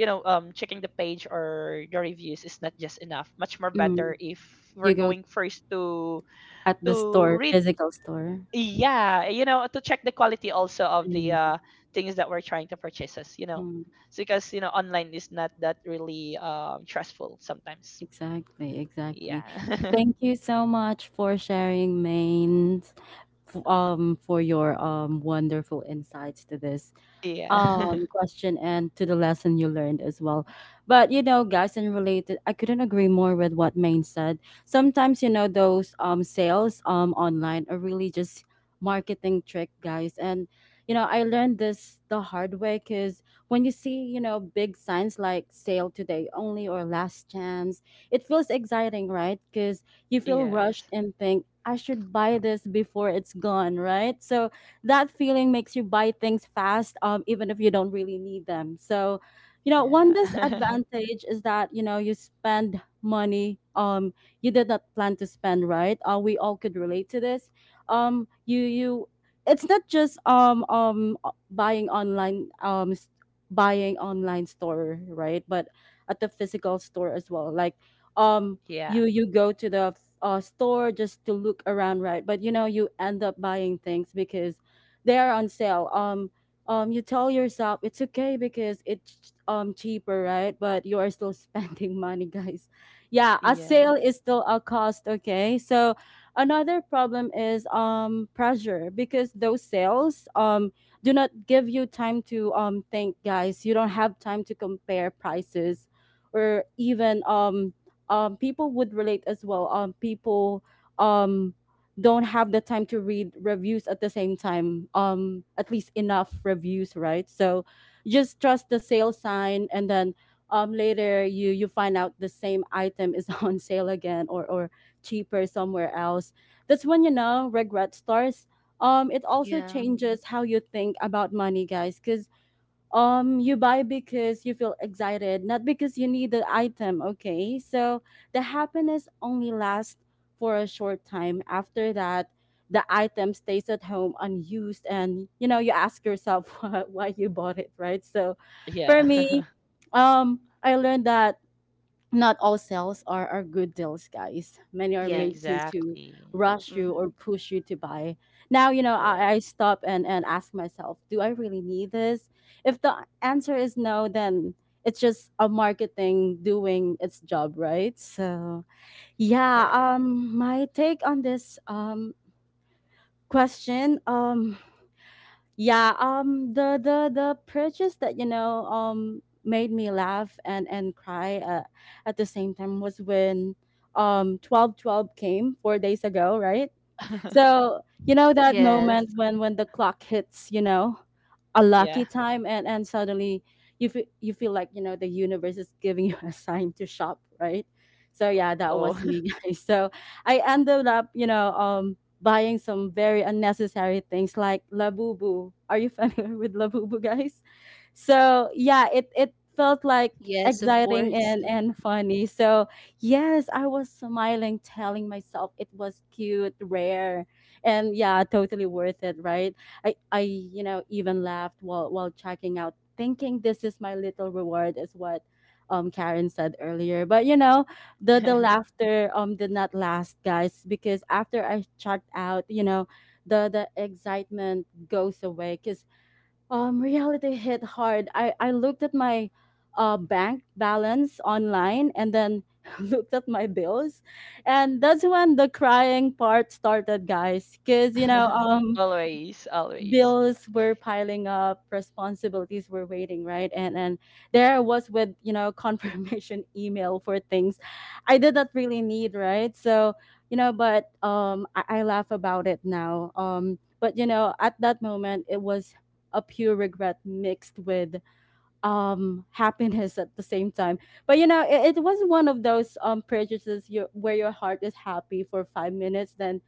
[SPEAKER 3] you know checking the page or the reviews is not just enough, much more better
[SPEAKER 1] mhm.
[SPEAKER 3] if we're
[SPEAKER 1] You go
[SPEAKER 3] going first
[SPEAKER 1] at the
[SPEAKER 3] to
[SPEAKER 1] store,
[SPEAKER 3] read,
[SPEAKER 1] physical store.
[SPEAKER 3] yeah, you know, to check the quality also of the
[SPEAKER 1] Yeah.
[SPEAKER 3] things that we're trying to purchase us, you know, so because you know online is not that really, trustful sometimes.
[SPEAKER 1] Exactly, exactly.
[SPEAKER 3] Yeah.
[SPEAKER 1] Thank you so much for sharing, Maine, for your wonderful insights to this
[SPEAKER 3] Yeah.
[SPEAKER 1] question and to the lesson you learned as well. But you know, guys, and related, I couldn't agree more with what Maine said. Sometimes, you know, those sales online are really just marketing trick, guys, and you know, I learned this the hard way, because when you see, you know, big signs like sale today only or last chance, it feels exciting, right? Because you feel
[SPEAKER 3] Yes.
[SPEAKER 1] rushed and think I should buy this before it's gone, right? So that feeling makes you buy things fast, even if you don't really need them. So, you know, one
[SPEAKER 3] Yeah.
[SPEAKER 1] disadvantage is that, you know, you spend money you did not plan to spend, right? We all could relate to this. You you it's not just buying online, buying online store, right? But at the physical store as well. Like um
[SPEAKER 3] Yeah,
[SPEAKER 1] you you go to the store just to look around, right? But you know, you end up buying things because they are on sale. You tell yourself it's okay because it's cheaper, right? But you are still spending money, guys. Yeah, a
[SPEAKER 3] yeah,
[SPEAKER 1] sale is still a cost. Okay, so another problem is pressure because those sales do not give you time to think, guys. You don't have time to compare prices, or even people would relate as well. People um don't have the time to read reviews at the same time, at least enough reviews, right? So just trust the sale sign and then, later you you find out the same item is on sale again, or cheaper somewhere else. That's when, you know, regret starts. It also
[SPEAKER 2] Yeah.
[SPEAKER 1] changes how you think about money, guys, because you buy because you feel excited, not because you need the item, okay? So the happiness only lasts for a short time. After that the item stays at home unused, and you know, you ask yourself why you bought it, right? So
[SPEAKER 3] yeah.
[SPEAKER 1] for me, I learned that not all sales are good deals, guys. Many are made
[SPEAKER 2] Yes.
[SPEAKER 1] to
[SPEAKER 3] Exactly.
[SPEAKER 1] rush you or
[SPEAKER 2] Mm-hmm.
[SPEAKER 1] push you to buy. Now, you know,
[SPEAKER 3] Correct,
[SPEAKER 1] I stop and ask myself, do I really need this? If the answer is no, then it's just a marketing doing its job, right? So yeah,
[SPEAKER 3] correct.
[SPEAKER 1] my take on this question, yeah, the purchase that, you know, made me laugh and cry, at the same time, was when, 1212 came 4 days ago, right? So, you know, that
[SPEAKER 2] Yes.
[SPEAKER 1] moment when the clock hits, you know, a
[SPEAKER 3] Yeah.
[SPEAKER 1] lucky time, and suddenly you feel, like, you know, the universe is giving you a sign to shop, right? So yeah, that
[SPEAKER 3] Oh.
[SPEAKER 1] was me, guys. So I ended up, you know, buying some very unnecessary things, like Labubu. Are you familiar with Labubu, guys? So yeah, it felt
[SPEAKER 2] Yes,
[SPEAKER 1] like
[SPEAKER 2] of course.
[SPEAKER 1] exciting and funny. So yes, I was smiling, telling myself it was cute, rare, and yeah, totally worth it, right? I, you know, even laughed while checking out, thinking this is my little reward, is what Karen said earlier. But you know, the laughter did not last, guys, because after I checked out, you know, the excitement goes away, cuz reality hit hard. I looked at my bank balance online, and then looked at my bills, and that's when the crying part started, guys, because you know,
[SPEAKER 3] Always, always.
[SPEAKER 1] bills were piling up, responsibilities were waiting, right? And there I was, with you know, confirmation email for things I did not really need, right? So, you know, but I laugh about it now, but you know, at that moment it was a pure regret mixed with happiness at the same time. But you know, it was one of those prejudices you, where your heart is happy for 5 minutes, then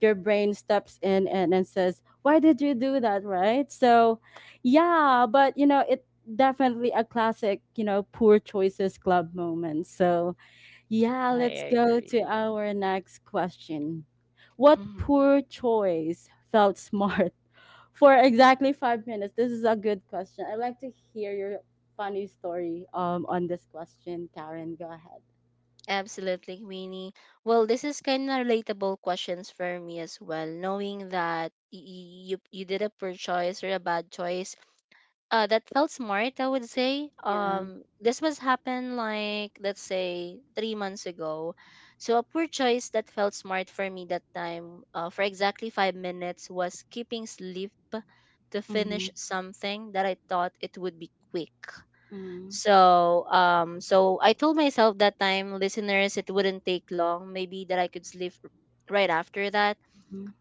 [SPEAKER 1] your brain steps in and says, why did you do that, right? So yeah, but you know, it definitely a classic, you know, poor choices club moment. So yeah,
[SPEAKER 3] I
[SPEAKER 1] let's go to
[SPEAKER 3] agree.
[SPEAKER 1] our next question. What
[SPEAKER 2] Mm-hmm.
[SPEAKER 1] poor choice felt smart for exactly 5 minutes? This is a good question. I'd like to hear your funny story, on this question, Karen. Go ahead.
[SPEAKER 2] Absolutely, Queenie. Well, this is kind of relatable questions for me as well, knowing that you did a poor choice or a bad choice, that felt smart. I would say,
[SPEAKER 1] Yeah.
[SPEAKER 2] this was happened like, let's say, 3 months ago. So a poor choice that felt smart for me that time, for exactly 5 minutes, was keeping sleep to
[SPEAKER 1] Mm-hmm.
[SPEAKER 2] finish something that I thought it would be quick.
[SPEAKER 1] Mm-hmm.
[SPEAKER 2] So, so I told myself that time, listeners, it wouldn't take long. Maybe that I could sleep right after that.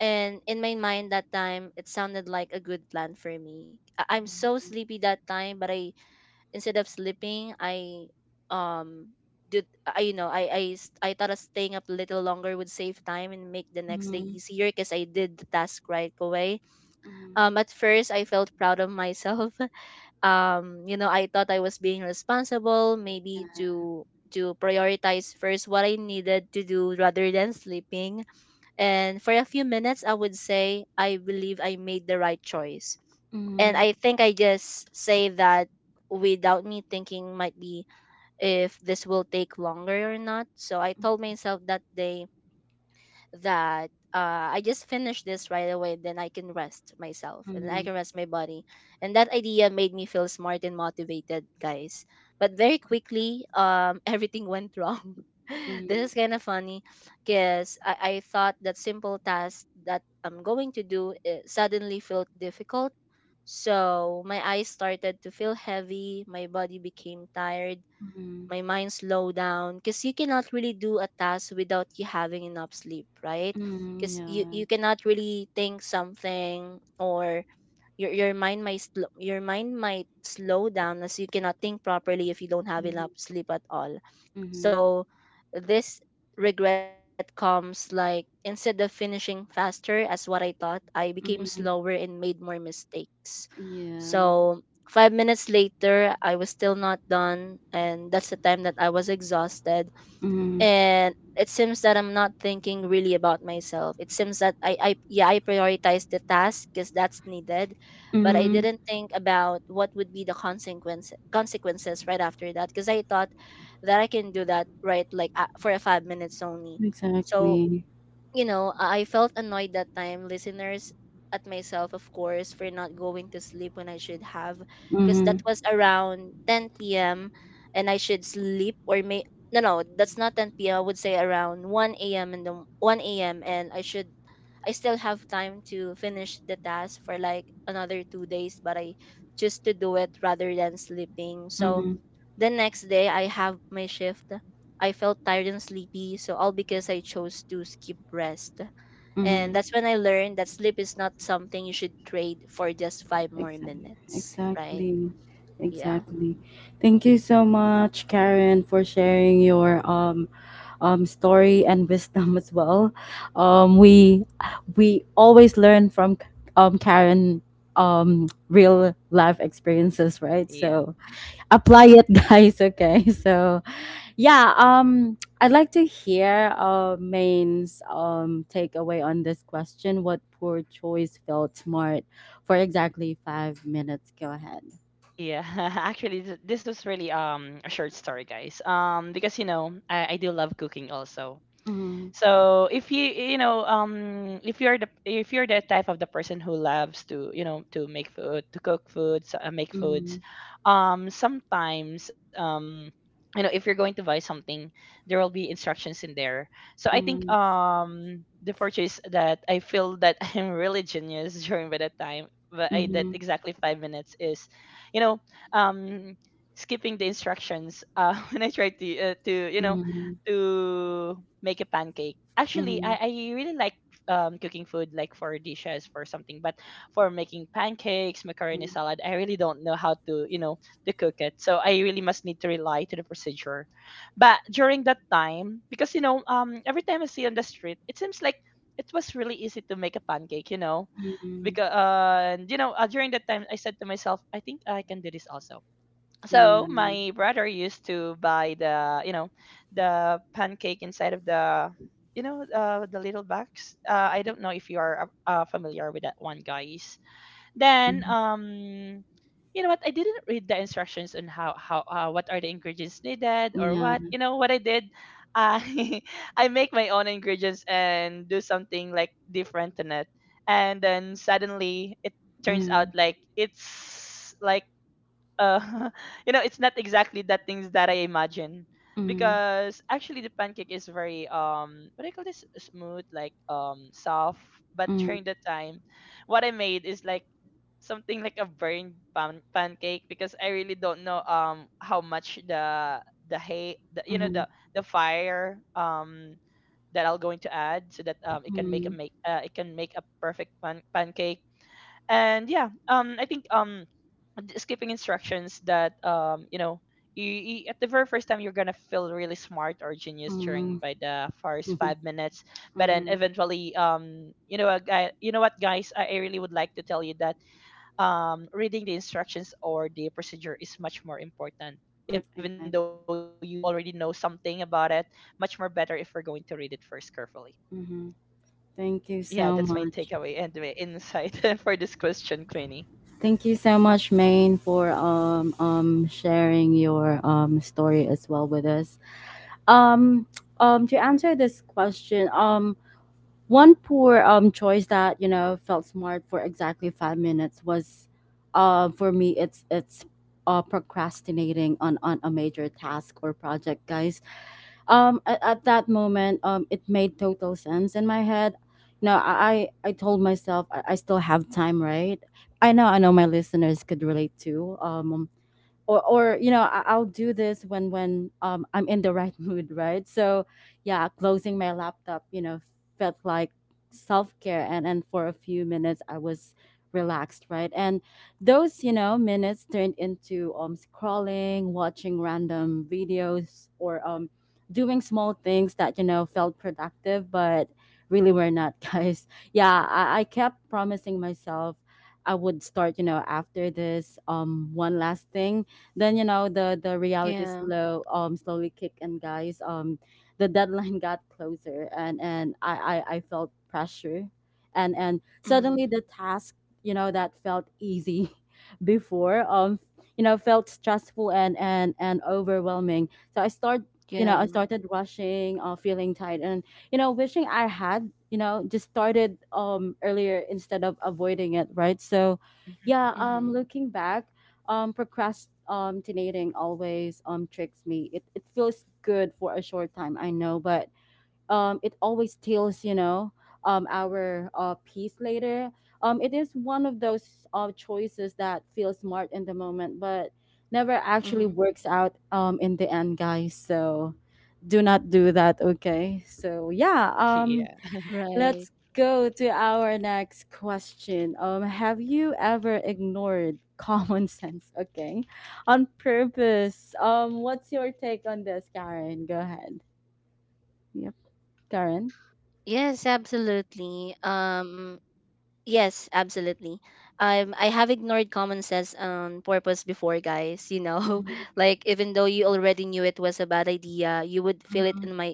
[SPEAKER 2] And in my mind that time, it sounded like a good plan for me. I'm so sleepy that time, but I, instead of sleeping, I, um, did I, you know, I thought of staying up a little longer would save time and make the next day
[SPEAKER 1] Mm-hmm.
[SPEAKER 2] easier because I did the task right away.
[SPEAKER 1] Mm-hmm. Mm-hmm. Yeah. Mm-hmm.
[SPEAKER 2] At first I felt proud of myself. You know, I thought I was being responsible, maybe to prioritize first what I needed to do rather than sleeping. And for a few minutes, I would say, I believe I made the right choice, and
[SPEAKER 1] Mm-hmm.
[SPEAKER 2] I think I just say that without me thinking, might be, if this will take longer or not. So I told myself that day that, I just finish this right away, then I can rest myself and I
[SPEAKER 1] Mm-hmm.
[SPEAKER 2] can rest my body. And that idea made me feel smart and motivated, guys. But very quickly, everything went wrong. This is kind of funny because I thought that simple task that I'm going to do, it suddenly felt difficult. So my eyes started to feel heavy, my body became tired,
[SPEAKER 1] Mm-hmm.
[SPEAKER 2] my mind slow down, because you cannot really do a task without you having enough sleep, right?
[SPEAKER 1] Mm-hmm.
[SPEAKER 2] Because you
[SPEAKER 1] Yeah.
[SPEAKER 2] cannot really think something, or your your mind might slow down, as you cannot think properly if you don't have enough
[SPEAKER 1] Mm-hmm.
[SPEAKER 2] sleep at all.
[SPEAKER 1] Mm-hmm.
[SPEAKER 2] So this regret comes, like, instead of finishing faster as what I thought, I became slower
[SPEAKER 1] Mm-hmm.
[SPEAKER 2] and made more mistakes.
[SPEAKER 1] Yeah.
[SPEAKER 2] So 5 minutes later, I was still not done, and that's the time that I was exhausted,
[SPEAKER 1] Mm-hmm.
[SPEAKER 2] and it seems that I'm not thinking really about myself. It seems that I yeah, I prioritized the task because that's needed, but I
[SPEAKER 1] Mm-hmm.
[SPEAKER 2] didn't think about what would be the consequences right after that, because I thought that I can do that right, like, for a 5 minutes only. So,
[SPEAKER 1] Exactly.
[SPEAKER 2] you know, I felt annoyed that time, listeners, at myself, of course, for not going to sleep when I should have, because that
[SPEAKER 1] Mhm,
[SPEAKER 2] was around 10 p.m. and I should sleep or may, no no, that's not 10 p.m., I would say around 1 a.m., in the 1 a.m., and I should, I still have time to finish the task for like another 2 days, but I choose to do it rather than sleeping. So
[SPEAKER 1] mhm,
[SPEAKER 2] the next day I have my shift. I felt tired and sleepy, so all because I chose to skip rest. And
[SPEAKER 1] mhm.
[SPEAKER 2] that's when I learned that sleep is not something you should trade for just five more
[SPEAKER 1] Exactly,
[SPEAKER 2] minutes, right?
[SPEAKER 1] exactly,
[SPEAKER 2] Yeah.
[SPEAKER 1] exactly. Thank you so much, Karen, for sharing your story and wisdom as well. Um, we we always learn from Karen real life experiences, right?
[SPEAKER 3] Yeah.
[SPEAKER 1] So apply it, guys. Okay, so yeah, I'd like to hear, Main's takeaway on this question. What poor choice felt smart for exactly 5 minutes? Go ahead.
[SPEAKER 3] Yeah, actually, this was really a short story, guys. Because you know, I do love cooking also.
[SPEAKER 1] Mm-hmm,
[SPEAKER 3] So if you, you know if you're the, if you're the type of the person who loves to, you know, to make food, to cook foods, make foods.
[SPEAKER 1] mm-hmm,
[SPEAKER 3] Sometimes You know, if you're going to buy something, there will be instructions in there. So I think
[SPEAKER 1] mm-hmm,
[SPEAKER 3] the purchase that I feel that I'm really genius during by that time, but I did exactly 5 minutes, is you know, um skipping the instructions when I try to to, you know,
[SPEAKER 1] mm-hmm,
[SPEAKER 3] to make a pancake.
[SPEAKER 1] mm-hmm,
[SPEAKER 3] Actually,
[SPEAKER 1] mm-hmm,
[SPEAKER 3] I really like, cooking food like for dishes, for something, but for making pancakes, macaroni salad, I really don't know how to, you know, to cook it. So I really must need to rely to the procedure. But during that time, because you know every time I see on the street, it seems like it was really easy to make a pancake. You know,
[SPEAKER 1] mm-hmm,
[SPEAKER 3] because you know, during that time I said to myself, I think I can do this also. So
[SPEAKER 1] yeah,
[SPEAKER 3] my brother used to buy the, you know, the pancake inside of the, you know, the little box. I don't know if you are familiar with that one, guys. Then,
[SPEAKER 1] mm-hmm,
[SPEAKER 3] you know what? I didn't read the instructions on how what are the ingredients needed or
[SPEAKER 1] yeah,
[SPEAKER 3] what. You know what I did? I I make my own ingredients and do something like different in it, and then suddenly it turns
[SPEAKER 1] mm-hmm,
[SPEAKER 3] out like it's like, uh, you know, it's not exactly the things that I imagine,
[SPEAKER 1] mm-hmm,
[SPEAKER 3] because actually the pancake is very, what do you call this, smooth like, soft, but
[SPEAKER 1] mm-hmm,
[SPEAKER 3] during the time what I made is like something like a burned pancake, because I really don't know how much the hay the, you know
[SPEAKER 1] mm-hmm,
[SPEAKER 3] the fire that I'll going to add so that it can make a
[SPEAKER 1] mm-hmm,
[SPEAKER 3] make it can make a perfect pancake. And yeah, skipping instructions that, you know, you at the very first time, you're gonna feel really smart or genius during by the first
[SPEAKER 1] mm-hmm,
[SPEAKER 3] 5 minutes, but then
[SPEAKER 1] mm-hmm.
[SPEAKER 3] eventually, you know what guys, I really would like to tell you that reading the instructions or the procedure is much more important even though you already
[SPEAKER 1] Exactly.
[SPEAKER 3] know something about it. Much more better if we're going to read it first carefully.
[SPEAKER 1] Mm-hmm.
[SPEAKER 3] Yeah, that's
[SPEAKER 1] Thank
[SPEAKER 3] my
[SPEAKER 1] you so
[SPEAKER 3] takeaway and my
[SPEAKER 1] much.
[SPEAKER 3] insight for this question, Queenie.
[SPEAKER 1] Thank you so much, Maine, for sharing your story as well with us. Um to answer this question, one poor choice that, you know, felt smart for exactly 5 minutes was, for me it's procrastinating on a major task or project, guys. At that moment, it made total sense in my head. You know, I told myself, I still have time, right? I know, my listeners could relate too. Or you know, I, I'll do this when, I'm in the right mood, right? So yeah, closing my laptop, you know, felt like self-care, and for a few minutes I was relaxed, right? And those, you know, minutes turned into, scrolling, watching random videos, or doing small things that, you know, felt productive but really were not. Guys, yeah, I kept promising myself I would start, you know, after this, one last thing. Then you know, the
[SPEAKER 2] Yeah.
[SPEAKER 1] reality slow, slowly kick in, guys. The deadline got closer, and I, I felt pressure, and
[SPEAKER 2] Mm.
[SPEAKER 1] suddenly the task, you know, that felt easy before, you know, felt stressful and and overwhelming. So I start,
[SPEAKER 2] Yeah.
[SPEAKER 1] I started rushing, feeling tight, and you know, wishing I had, you know, just started earlier instead of avoiding it, right? So
[SPEAKER 3] Mhm.
[SPEAKER 1] yeah,
[SPEAKER 2] Mm-hmm.
[SPEAKER 1] looking back, procrastinating always tricks me. It feels good for a short time, I know, but it always steals, you know, our peace later. It is one of those choices that feels smart in the moment, but never
[SPEAKER 2] Mm-hmm.
[SPEAKER 1] actually works out in the end, guys. So do not do that, okay? So yeah,
[SPEAKER 3] Yeah,
[SPEAKER 2] Right.
[SPEAKER 1] let's go to our next question. Have you ever ignored common sense? Okay, on purpose. What's your take on this, Karen? Go ahead.
[SPEAKER 2] Yes,
[SPEAKER 1] Yep,
[SPEAKER 2] absolutely.
[SPEAKER 1] Karen.
[SPEAKER 2] Yes, absolutely. Um, I have ignored common sense on purpose before, guys. You know, like, even though you already knew it was a
[SPEAKER 1] Hmm.
[SPEAKER 2] bad idea, you would feel it in you would feel it in your
[SPEAKER 1] Hmm.
[SPEAKER 2] head,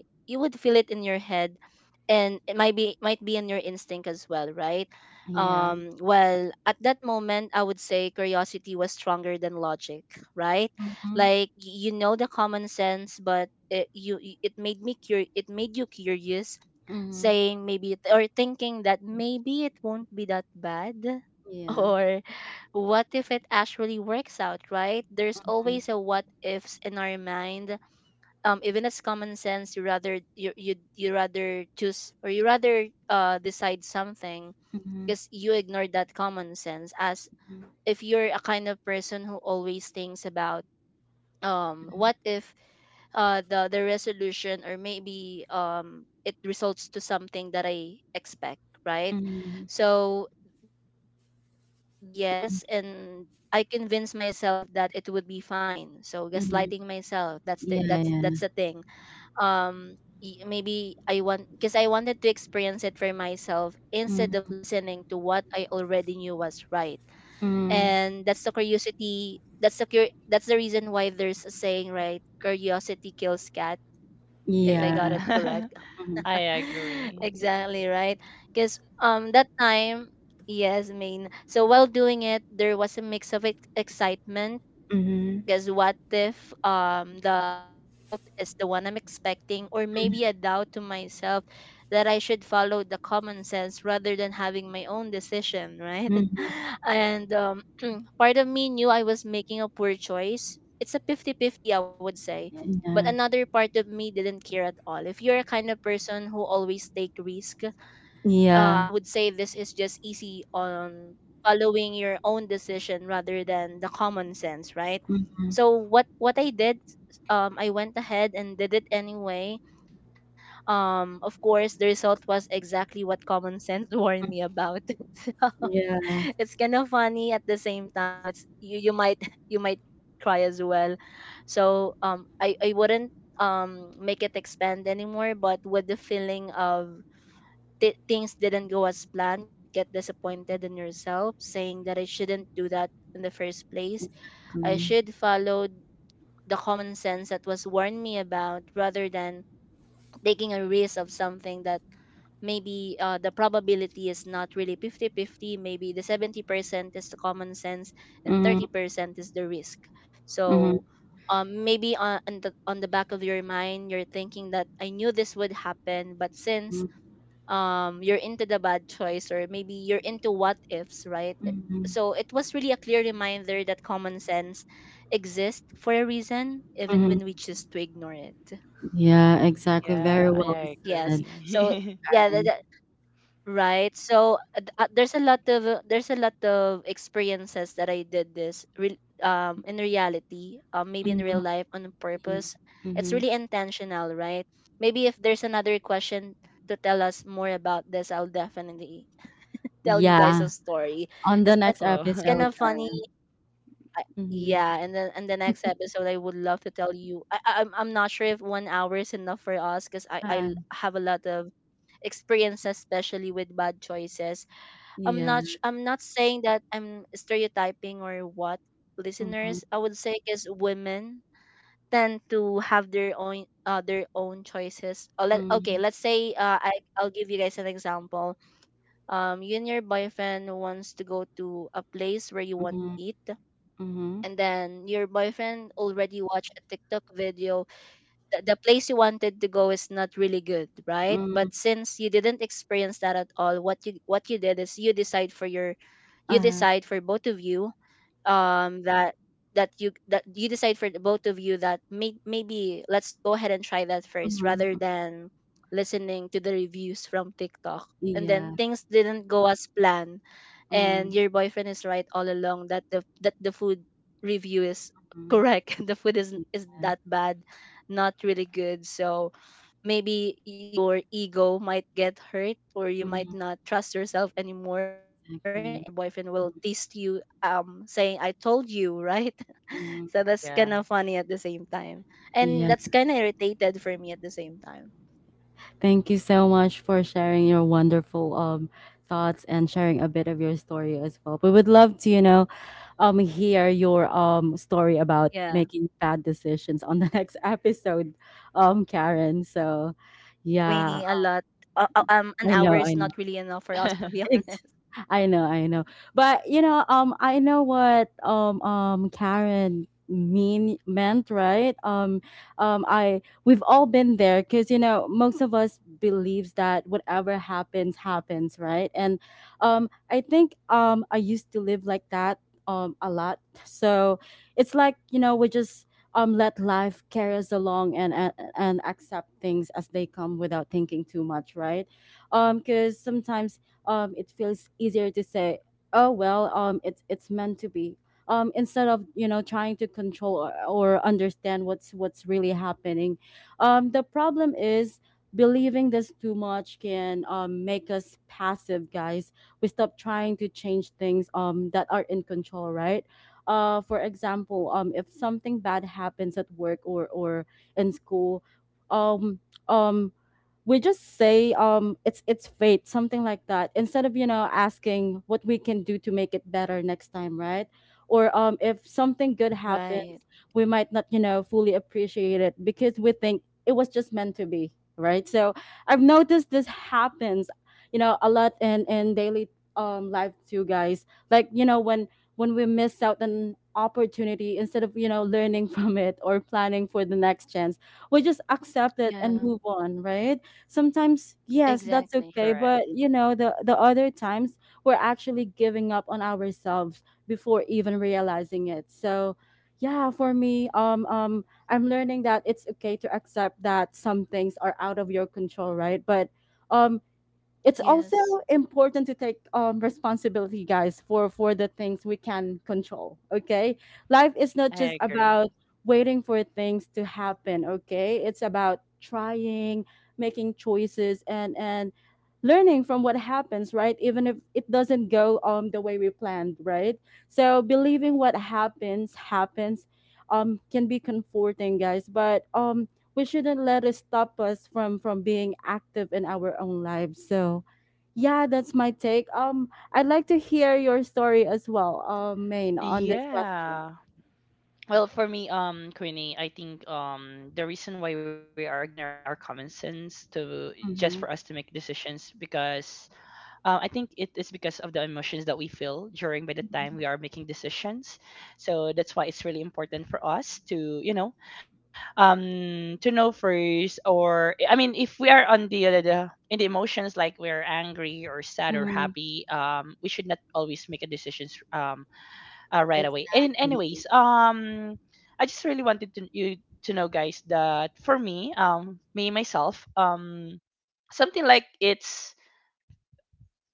[SPEAKER 2] and it might be, in your instinct as well, right? Um, well, at that
[SPEAKER 1] Yeah.
[SPEAKER 2] moment, I would say curiosity was stronger than logic, right? Like, you
[SPEAKER 1] Hmm.
[SPEAKER 2] know the common sense, but it made me it made you curious, saying
[SPEAKER 1] Hmm.
[SPEAKER 2] maybe or thinking that maybe it won't be that bad,
[SPEAKER 1] Yeah.
[SPEAKER 2] or what if it actually works out, right? There's
[SPEAKER 1] Hmm.
[SPEAKER 2] always a what ifs in our mind. Um, even as common sense, you rather you you you rather choose, or you rather, uh, decide something,
[SPEAKER 1] Hmm.
[SPEAKER 2] because you ignore that common sense, as
[SPEAKER 1] Hmm.
[SPEAKER 2] if you're a kind of person who always thinks about, um, what if, uh, the resolution, or maybe, um, it results to something that I expect, right?
[SPEAKER 1] Hmm.
[SPEAKER 2] So there might be a risk, yes, and I convince myself that it would be fine, so gaslighting myself, that's
[SPEAKER 1] Yeah.
[SPEAKER 2] that's
[SPEAKER 1] Yeah.
[SPEAKER 2] the thing. Um, y- maybe I want because I wanted to experience it for myself instead of
[SPEAKER 1] Hmm.
[SPEAKER 2] listening to what I already knew was right. And that's the curiosity, that's the that's the reason why there's a saying, right, curiosity kills cat, if I
[SPEAKER 1] Yeah.
[SPEAKER 2] got it correct.
[SPEAKER 3] yeah.
[SPEAKER 1] Hmm.
[SPEAKER 3] I agree.
[SPEAKER 2] Exactly, right, because, um, that time, yes, I mean, so while doing it, there was a mix of excitement,
[SPEAKER 1] Hmm.
[SPEAKER 2] because what if, um, the result is the one I'm expecting, or maybe a doubt to myself that I should follow the common sense rather than having my own decision, right?
[SPEAKER 1] Hmm.
[SPEAKER 2] And, part of me knew I was making a poor choice. It's a 50 50, I would say. But
[SPEAKER 1] Yeah.
[SPEAKER 2] another part of me didn't care at all. If you're a kind of person who always take risk, I
[SPEAKER 1] Yeah.
[SPEAKER 2] would say this is just easy on following your own decision rather than the common sense, right?
[SPEAKER 1] Hmm.
[SPEAKER 2] So what I did, I went ahead and did it anyway. Of course, the result was exactly what common sense warned me about. So
[SPEAKER 1] Yeah.
[SPEAKER 2] it's kind of funny at the same time. It's, you might you might cry as well. So, I wouldn't, um, make it expand anymore, but with the feeling of, things didn't go as planned, you might get disappointed in yourself, saying that I shouldn't do that in the first place. I
[SPEAKER 1] Mm.
[SPEAKER 2] should follow the common sense that was warned me about, rather than taking a risk of something that, maybe, the probability is not really 50-50. Maybe the 70% is the common sense and
[SPEAKER 1] Mhm,
[SPEAKER 2] 30% is the risk.
[SPEAKER 1] mhm,
[SPEAKER 2] so Maybe on the on the back of your mind you're thinking that I knew this would happen, but since
[SPEAKER 1] mhm,
[SPEAKER 2] you're into the bad choice, or maybe you're into what ifs, right?
[SPEAKER 1] mhm,
[SPEAKER 2] So it was really a clear reminder that common sense exists for a reason, even
[SPEAKER 1] mhm.
[SPEAKER 2] when we choose to ignore it.
[SPEAKER 1] Yeah, exactly. Very
[SPEAKER 3] Yeah,
[SPEAKER 1] well
[SPEAKER 3] I
[SPEAKER 2] Yes.
[SPEAKER 1] said,
[SPEAKER 2] so
[SPEAKER 3] agree.
[SPEAKER 2] yeah,
[SPEAKER 1] Karen.
[SPEAKER 2] right. There's a lot of there's a lot of experiences that I did this in reality, maybe in real
[SPEAKER 1] Mhm,
[SPEAKER 2] life, on
[SPEAKER 1] yeah.
[SPEAKER 2] purpose. It's
[SPEAKER 1] Mhm.
[SPEAKER 2] really intentional, right? Maybe if there's another question to tell us more about this, I'll definitely tell you guys a
[SPEAKER 1] Yeah.
[SPEAKER 2] story.
[SPEAKER 1] On the
[SPEAKER 2] It's kin-
[SPEAKER 1] next
[SPEAKER 3] Well,
[SPEAKER 2] it's kind
[SPEAKER 1] episode,
[SPEAKER 2] of funny.
[SPEAKER 1] Karen.
[SPEAKER 2] I,
[SPEAKER 1] Mm-hmm.
[SPEAKER 2] yeah, and then in the next episode, I would love to tell you. I'm not sure if one hour is enough for us, because I I
[SPEAKER 1] Uh,
[SPEAKER 2] l- have a lot of experiences, especially with bad choices.
[SPEAKER 1] yeah.
[SPEAKER 2] I'm not saying that I'm stereotyping or what,
[SPEAKER 1] Mm-hmm.
[SPEAKER 2] listeners. I would say because women tend to have their own choices. Oh, let okay, let's
[SPEAKER 1] Mm-hmm.
[SPEAKER 2] say I'll give you guys an example. You and your boyfriend wants to go to a place where you want to
[SPEAKER 1] Mm-hmm.
[SPEAKER 2] eat,
[SPEAKER 1] Mm-hmm.
[SPEAKER 2] and then your boyfriend already watched a TikTok video. The place you wanted to go is not really good, right? But
[SPEAKER 1] Mm-hmm.
[SPEAKER 2] since you didn't experience that at all, what you did is you
[SPEAKER 1] Uh,
[SPEAKER 2] decide for both of you, that that you decide for the both of you, that maybe let's go ahead and try that first rather
[SPEAKER 1] mm-hmm.
[SPEAKER 2] than listening to the reviews from TikTok. And then
[SPEAKER 1] Yeah.
[SPEAKER 2] things didn't go as planned,
[SPEAKER 1] Mm-hmm.
[SPEAKER 2] and your boyfriend is right all along that the food review is correct. The food is
[SPEAKER 1] Yeah.
[SPEAKER 2] that bad, not really good. So maybe your ego might get hurt, or you might
[SPEAKER 1] Mm-hmm.
[SPEAKER 2] not trust yourself anymore, and maybe
[SPEAKER 1] Exactly.
[SPEAKER 2] your boyfriend will tease you, saying, I told you, right.
[SPEAKER 1] Mm-hmm.
[SPEAKER 2] So that's
[SPEAKER 3] yeah.
[SPEAKER 2] kind of funny at the same time, and
[SPEAKER 1] Yeah.
[SPEAKER 2] that's kind of irritated for me at the same time.
[SPEAKER 1] Thank you so much for sharing your wonderful thoughts and sharing a bit of your story as well. We would love to, you know, hear your story about
[SPEAKER 2] Yeah.
[SPEAKER 1] making bad decisions on the next episode, Karen. So,
[SPEAKER 2] A lot,
[SPEAKER 1] yeah,
[SPEAKER 2] Queenie. A lot. An
[SPEAKER 1] I know,
[SPEAKER 2] hour
[SPEAKER 1] I
[SPEAKER 2] is
[SPEAKER 1] know.
[SPEAKER 2] not really enough for us, to be honest.
[SPEAKER 1] I know, I know. But you know, I know what Karen meant, right? I we've all been there because you know, most of us believes that whatever happens happens, right? And I think I used to live like that a lot, so it's like, you know, we just let life carry us along and and accept things as they come without thinking too much, right? Because sometimes it feels easier to say, "Oh well, it's meant to be." Instead of, you know, trying to control or understand what's really happening, the problem is believing this too much can make us passive, guys. We stop trying to change things that are in control, right? For example, if something bad happens at work or in school, um, um, we just say it's fate, something like that, instead of asking what we can do to make it better next time, right? Or if something good
[SPEAKER 2] Right.
[SPEAKER 1] happens, we might not fully appreciate it because we think it was just meant to be, right? So I've noticed this happens, you know, a lot in daily life too, guys. Like, you know, when we miss out an opportunity, instead of learning from it or planning for the next chance, we just accept it and move
[SPEAKER 2] Yeah.
[SPEAKER 1] on, right? Sometimes yes,
[SPEAKER 3] Correct.
[SPEAKER 1] that's okay,
[SPEAKER 2] Exactly.
[SPEAKER 1] but you know, the other times we're actually giving up on ourselves before even realizing it. So yeah, for me, I'm learning that it's okay to accept that some things are out of your control, right? But um it's also
[SPEAKER 2] Yes.
[SPEAKER 1] important to take responsibility, guys, for the things we can control, okay? Life is not
[SPEAKER 3] I
[SPEAKER 1] just
[SPEAKER 3] agree.
[SPEAKER 1] about waiting for things to happen, okay? It's about trying, making choices, and learning from what happens, right? Even if it doesn't go the way we planned, right? So believing what happens happens can be comforting, guys, but we shouldn't let it stop us from being active in our own lives. So yeah, that's my take. I'd like to hear your story as well, Main, on this question.
[SPEAKER 3] Yeah. Well, for me, Queenie, I think the reason why we are ignoring our common sense to just
[SPEAKER 1] Mm-hmm.
[SPEAKER 3] for us to make decisions, because I think it is because of the emotions that we feel during by the time we are making decisions. So that's why it's really important for us to, you know, to know first. Or I mean, if we are on the, in the emotions like we're angry or sad or
[SPEAKER 1] Mm-hmm.
[SPEAKER 3] happy, we should not always make a decisions right away. And
[SPEAKER 1] Exactly.
[SPEAKER 3] anyways, I just really wanted to you to know, guys, that for me, me myself, something like it's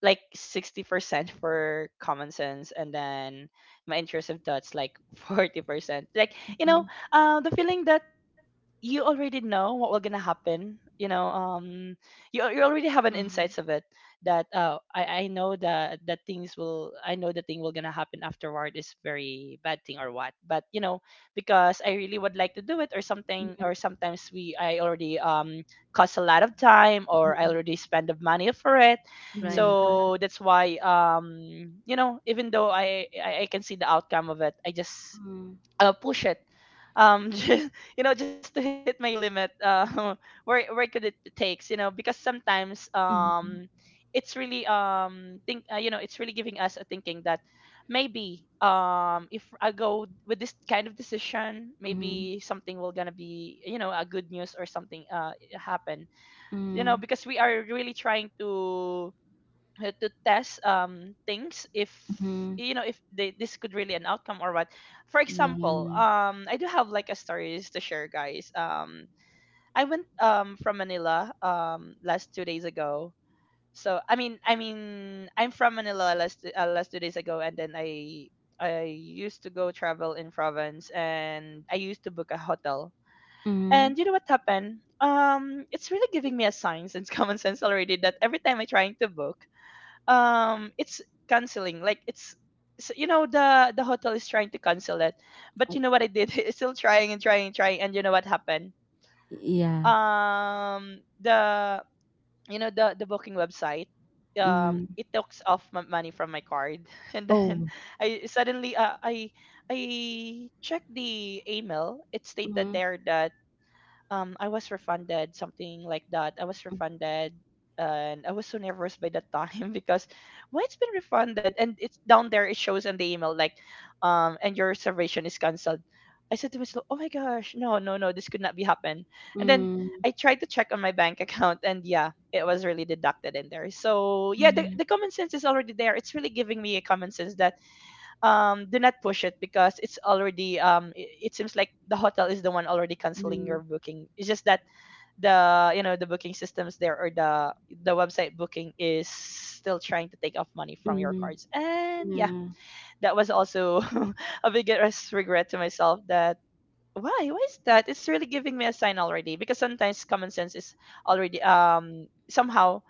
[SPEAKER 3] like 60% for common sense, and then my intrusive thoughts like 40%, like you
[SPEAKER 1] Mm-hmm.
[SPEAKER 3] know, the feeling that you already know what will gonna happen, you know, you already have an insights of
[SPEAKER 2] Mm-hmm.
[SPEAKER 3] it, that I know that that things will I know the thing will gonna happen afterward is very bad thing or what. But you know, because I really would like to do it or something, or sometimes we I already, cost a lot of time, or I already spend the money for it.
[SPEAKER 1] Yeah.
[SPEAKER 2] Right.
[SPEAKER 3] So that's why, you know, even though I can see the outcome of it, I just
[SPEAKER 1] Mm-hmm.
[SPEAKER 3] push it, just, you know, just to hit my limit, where could it takes, you know, because sometimes it's really think you know, it's really giving us a thinking that maybe, if I go with this kind of decision,
[SPEAKER 1] Mm-hmm.
[SPEAKER 3] maybe something will gonna be, you know, a good news or something happen, you know,
[SPEAKER 1] Mm-hmm.
[SPEAKER 3] because we are really trying to test things if, you know, if they, this could really an outcome or what. For
[SPEAKER 1] Yeah.
[SPEAKER 3] example, I do have like a stories to share, guys. I went from Manila last 2 days ago. So I'm from Manila last last 2 days ago, and then I used to go travel in province, and I used to book a hotel.
[SPEAKER 1] Mm-hmm.
[SPEAKER 3] And you know what happened, it's really giving me a sign since common sense already, that every time I trying to book, it's canceling, like it's, so, you know, the hotel is trying to cancel it. But
[SPEAKER 1] Oh.
[SPEAKER 3] you know what I did, it's still trying and trying and trying. And you know what happened,
[SPEAKER 1] Yeah.
[SPEAKER 3] the you know, the booking website,
[SPEAKER 1] Mm-hmm.
[SPEAKER 3] it takes off my money from my card, and then
[SPEAKER 1] Oh.
[SPEAKER 3] I suddenly, I checked the email. It stated
[SPEAKER 1] Mm-hmm.
[SPEAKER 3] there that, I was refunded something like that. I was refunded, and I was so nervous by that time because why it's been refunded, and it's down there, it shows in the email like, and your reservation is cancelled. I said to myself, "Oh my gosh, no, no, no, this could not be happen." And then
[SPEAKER 1] Mm-hmm.
[SPEAKER 3] I tried to check on my bank account, and yeah, it was really deducted in there. So, yeah,
[SPEAKER 1] Mm-hmm.
[SPEAKER 3] the common sense is already there. It's really giving me a common sense that, do not push it, because it's already, it seems like the hotel is the one already canceling your booking, it's just that the you know, the booking systems there, or the website booking is still trying to take off money from your
[SPEAKER 1] Mm-hmm.
[SPEAKER 3] cards. And yeah,
[SPEAKER 1] Yeah.
[SPEAKER 3] that was also a biggest regret to myself, that why is that, it's really giving me a sign already, because sometimes common sense is already, somehow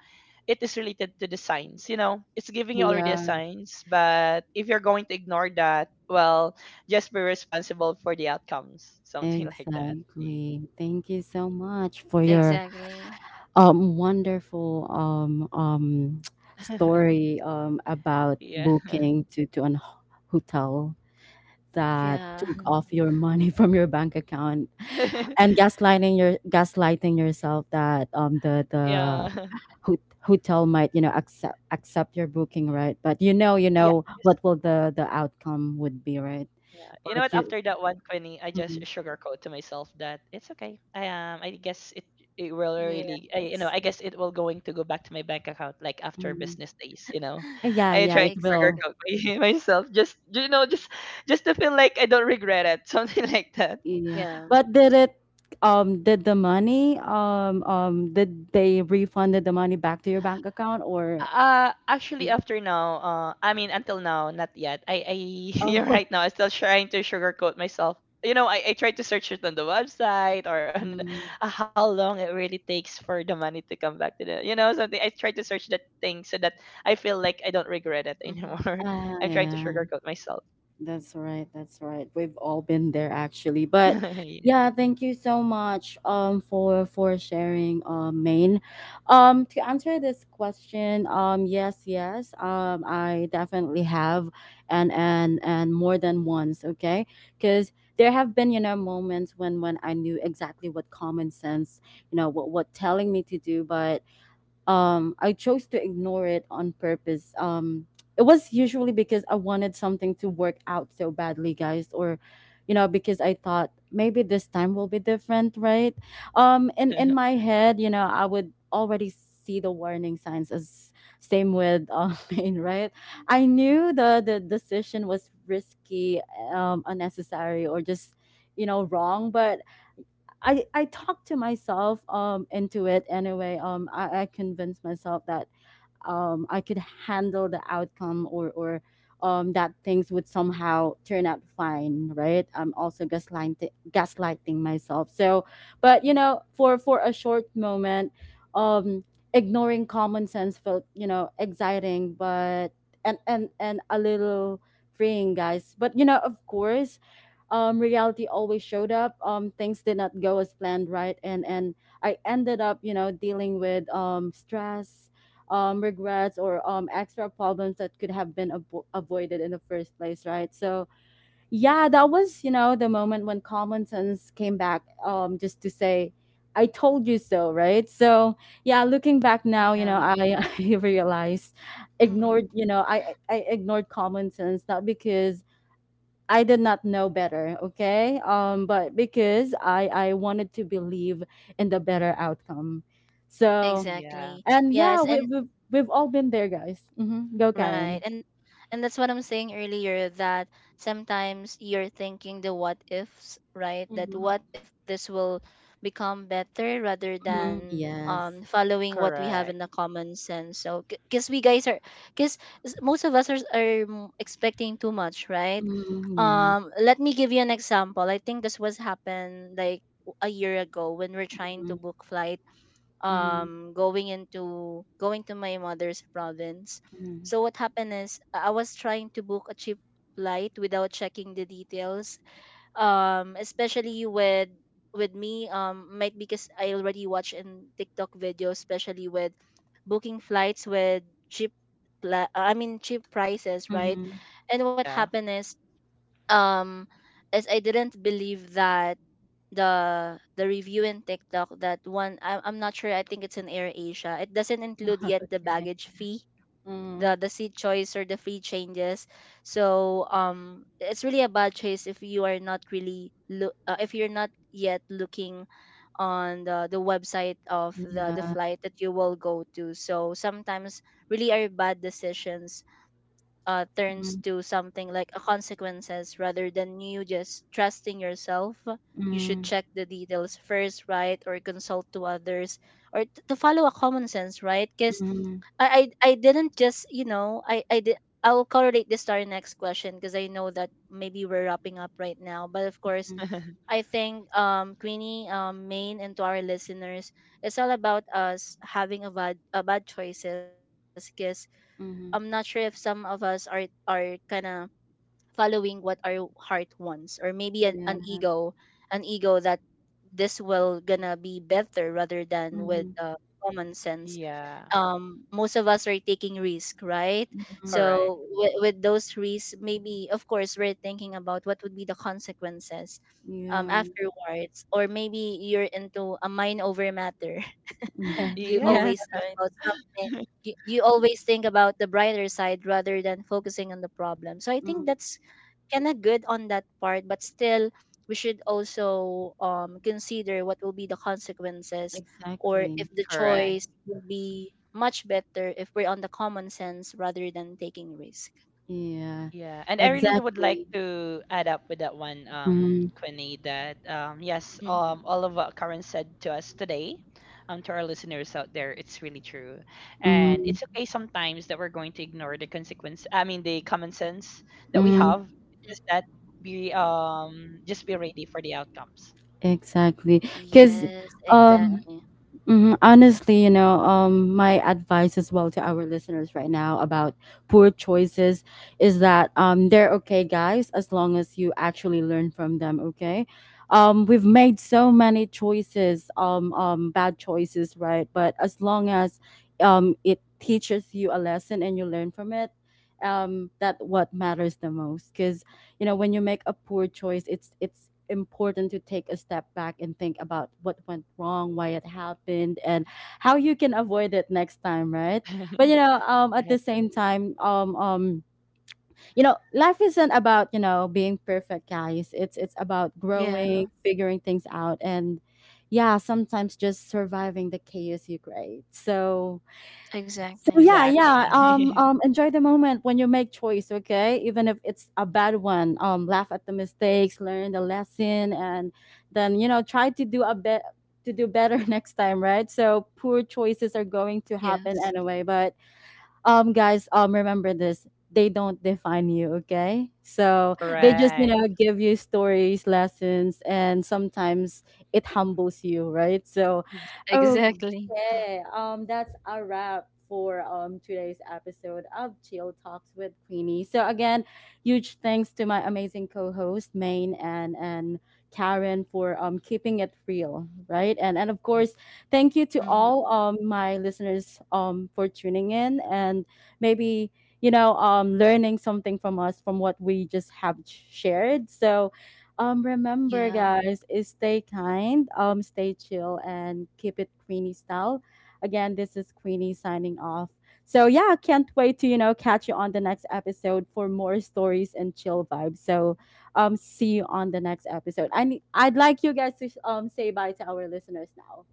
[SPEAKER 3] it is related to the signs, you know, it's giving you already a
[SPEAKER 1] Yeah.
[SPEAKER 3] signs, but if you're going to ignore that, well, just be responsible for the outcomes, something like that. Yeah.
[SPEAKER 1] Exactly. Thank you so much for your
[SPEAKER 2] Exactly.
[SPEAKER 1] wonderful story
[SPEAKER 3] Yeah.
[SPEAKER 1] about booking to an hotel
[SPEAKER 2] Yeah.
[SPEAKER 1] that took off your money from your bank account and gaslighting yourself that the
[SPEAKER 3] Yeah,
[SPEAKER 1] the hotel might, you know, accept your booking, right? But you know,
[SPEAKER 3] yeah.
[SPEAKER 1] you know what will the outcome would be, right?
[SPEAKER 3] Yeah. You know what?
[SPEAKER 1] But
[SPEAKER 3] After
[SPEAKER 1] you—
[SPEAKER 3] that one, Quinny, I just
[SPEAKER 1] Mhm,
[SPEAKER 3] sugarcoat to myself that it's okay. I guess it, it will really, I,
[SPEAKER 2] Yes.
[SPEAKER 3] you know, I guess it will going to go back to my bank account like after
[SPEAKER 1] mhm.
[SPEAKER 3] business days. You know,
[SPEAKER 1] Yeah,
[SPEAKER 3] I
[SPEAKER 1] yeah,
[SPEAKER 3] try to
[SPEAKER 1] it
[SPEAKER 2] Exactly.
[SPEAKER 1] will.
[SPEAKER 3] sugarcoat my, myself, just you know, just to feel like I don't regret it, something like that.
[SPEAKER 1] Yeah,
[SPEAKER 2] Yeah.
[SPEAKER 1] but did it did the money did they refunded the money back to your bank account or—
[SPEAKER 3] Actually, after now, I mean, until now, not yet. You're
[SPEAKER 1] Oh.
[SPEAKER 3] right now, I'm still trying to sugarcoat myself. You know, I tried to search it on the website or on the-
[SPEAKER 1] Mm,
[SPEAKER 3] how long it really takes for the money to come back to the, you know, something. I tried to search that thing so that I feel like I don't regret it
[SPEAKER 2] Hmm.
[SPEAKER 3] anymore. I'm
[SPEAKER 1] ah,
[SPEAKER 3] trying to
[SPEAKER 1] yeah.
[SPEAKER 3] sugarcoat myself.
[SPEAKER 1] That's right. That's right. We've all been there, actually. But
[SPEAKER 3] Yeah.
[SPEAKER 1] yeah, thank you so much for sharing, Maine. To answer this question, yes, yes. I definitely have, and more than once, okay? Cuz there have been, you know, moments when I knew exactly what common sense, you know, what telling me to do, but I chose to ignore it on purpose. It was usually because I wanted something to work out so badly, guys, or you know, because I thought maybe this time will be different, right? In my head, you know, I would already see the warning signs, as same with pain, right? I knew the decision was risky, unnecessary, or just, you know, wrong. But I talked to myself into it anyway. I convinced myself that I could handle the outcome, or that things would somehow turn out fine, right? I'm also gaslighting myself. So, but you know, for a short moment, um, ignoring common sense felt, you know, exciting, but and a little freeing, guys. But you know, of course. Reality always showed up. Things did not go as planned, right? And I ended up, you know, dealing with stress, regrets, or extra problems that could have been avoided in the first place, right? So yeah, that was, you know, the moment when common sense came back just to say, "I told you so," right? So yeah, looking back now, you
[SPEAKER 2] Yeah.
[SPEAKER 1] know, I, I realized ignored, you know, I ignored common sense, not because I did not know better, okay? But because I wanted to believe in the better outcome. So,
[SPEAKER 3] Yeah,
[SPEAKER 2] Exactly.
[SPEAKER 1] and yeah,
[SPEAKER 2] Yes,
[SPEAKER 1] we
[SPEAKER 2] and
[SPEAKER 1] we've we've all been there, guys. Hmm. Go,
[SPEAKER 2] right,
[SPEAKER 1] Karen.
[SPEAKER 2] and that's what I'm saying earlier, that sometimes you're thinking the what ifs, right? That
[SPEAKER 1] Mm-hmm.
[SPEAKER 2] what if this will become better rather
[SPEAKER 1] Mm-hmm.
[SPEAKER 2] than
[SPEAKER 1] Yes.
[SPEAKER 2] following what we have in
[SPEAKER 3] correct.
[SPEAKER 2] the common sense. So, because we guys are, because most of us are expecting too much, right?
[SPEAKER 1] Mm-hmm. Yes.
[SPEAKER 2] Let me give you an example. I think this was happened like a year ago when we're trying
[SPEAKER 1] Mm-hmm.
[SPEAKER 2] to book flights,
[SPEAKER 1] Mm-hmm.
[SPEAKER 2] going to my mother's province.
[SPEAKER 1] Mm-hmm.
[SPEAKER 2] So what happened is I was trying to book a cheap flight without checking the details. Especially with me, might because I already watch in TikTok videos, especially with booking flights with cheap I mean cheap prices, right?
[SPEAKER 1] Mm-hmm.
[SPEAKER 2] And what
[SPEAKER 3] Yeah.
[SPEAKER 2] happened is, um is I didn't believe that the review in TikTok. That one, I'm not sure, I think it's in Air Asia. It doesn't include yet the
[SPEAKER 1] Okay.
[SPEAKER 2] baggage fee,
[SPEAKER 1] Mm-hmm.
[SPEAKER 2] the seat choice, or the free changes. So it's really a bad choice if you are not really look, if you're not yet looking on the website of the
[SPEAKER 1] Yeah.
[SPEAKER 2] flight that you will go to. So sometimes really are bad decisions turns to
[SPEAKER 1] Mm-hmm.
[SPEAKER 2] something like a consequences, rather than you just trusting yourself. You should
[SPEAKER 1] Mm-hmm.
[SPEAKER 2] check the details first, right? Or consult to others, or to follow a common sense, right? Because I didn't just, you know, I did, I'll correlate this to our next question because I know that maybe we're wrapping up right now. But of course,
[SPEAKER 1] Mm-hmm.
[SPEAKER 2] I think, Queenie, Maine, and to our listeners, it's all about us having a bad choices, 'cause I'm not sure
[SPEAKER 1] Mm-hmm.
[SPEAKER 2] if some of us are kind of following what our heart wants, or maybe an
[SPEAKER 1] Yeah.
[SPEAKER 2] ego, an ego that this will gonna be better rather than with
[SPEAKER 1] Mm-hmm.
[SPEAKER 2] common sense.
[SPEAKER 3] Yeah,
[SPEAKER 2] Most of us are taking risk, right?
[SPEAKER 1] Mm-hmm.
[SPEAKER 3] correct.
[SPEAKER 2] So with those risks, maybe of course we're thinking about what would be the consequences
[SPEAKER 1] Yeah.
[SPEAKER 2] afterwards, or maybe you're into a mind over matter.
[SPEAKER 1] Yeah.
[SPEAKER 2] You
[SPEAKER 3] Yeah.
[SPEAKER 1] Yes.
[SPEAKER 2] always think
[SPEAKER 1] Right.
[SPEAKER 2] about something, you always think about the brighter side rather than focusing on the problem. So I think
[SPEAKER 1] Mm.
[SPEAKER 2] that's kind of good on that part, but still we should also consider what will be the consequences, or if
[SPEAKER 1] Exactly.
[SPEAKER 2] the
[SPEAKER 3] Correct.
[SPEAKER 2] choice will be much better if we're on the common sense rather than taking risk.
[SPEAKER 1] Yeah.
[SPEAKER 3] Yeah, and I really would like
[SPEAKER 1] Exactly.
[SPEAKER 3] to add up with that one,
[SPEAKER 1] Mm-hmm.
[SPEAKER 3] Quinny, that yes,
[SPEAKER 2] Hmm.
[SPEAKER 3] all of what Karen said to us today, to our listeners out there, it's really true, and
[SPEAKER 1] Mm-hmm.
[SPEAKER 3] it's okay sometimes that we're going to ignore the consequence. I mean, the common sense that we
[SPEAKER 1] Mm-hmm.
[SPEAKER 3] have, just that be just be ready for the outcomes.
[SPEAKER 1] Exactly.
[SPEAKER 2] Yes,
[SPEAKER 1] Because,
[SPEAKER 2] exactly.
[SPEAKER 1] hmm, honestly, you know, my advice as well to our listeners right now about poor choices is that they're okay, guys, as long as you actually learn from them. Okay, we've made so many choices, bad choices, right? But as long as it teaches you a lesson and you learn from it, that what matters the most. Because you know, when you make a poor choice, it's important to take a step back and think about what went wrong, why it happened, and how you can avoid it next time, right? But you know, at
[SPEAKER 3] Right.
[SPEAKER 1] the same time, you know, life isn't about, you know, being perfect, guys. It's about
[SPEAKER 2] Yeah,
[SPEAKER 1] growing, figuring things out, and yeah, sometimes just surviving the chaos you create. So, so
[SPEAKER 2] exactly.
[SPEAKER 1] yeah, yeah.
[SPEAKER 3] Exactly.
[SPEAKER 1] Enjoy the moment when you make choice, okay? Even if it's a bad one. Laugh at the mistakes, learn the lesson, and then, you know, try to do a bit to do better next time, right? So poor choices are going to happen
[SPEAKER 2] Yes.
[SPEAKER 1] anyway, but guys, remember this: they don't define you, okay? So they just,
[SPEAKER 2] Hmm.
[SPEAKER 1] you know,
[SPEAKER 3] Correct.
[SPEAKER 1] give you stories, lessons, and sometimes it humbles you, right? So
[SPEAKER 3] Exactly.
[SPEAKER 2] Exactly.
[SPEAKER 1] okay, that's a wrap for today's episode of Chill Talks with Queenie. So again, huge thanks to my amazing co-host Maine and Karen for keeping it real, right? And of course, thank you to
[SPEAKER 2] Hmm.
[SPEAKER 1] all my listeners for tuning in and maybe, you know, learning something from us, from what we just have shared. So remember,
[SPEAKER 2] Yeah.
[SPEAKER 1] guys, is stay kind, stay chill, and keep it Queenie style. Again, this is Queenie signing off. So yeah, can't wait to, you know, catch you on the next episode for more stories and chill vibes. So see you on the next episode. I'd like you guys to say bye to our listeners now.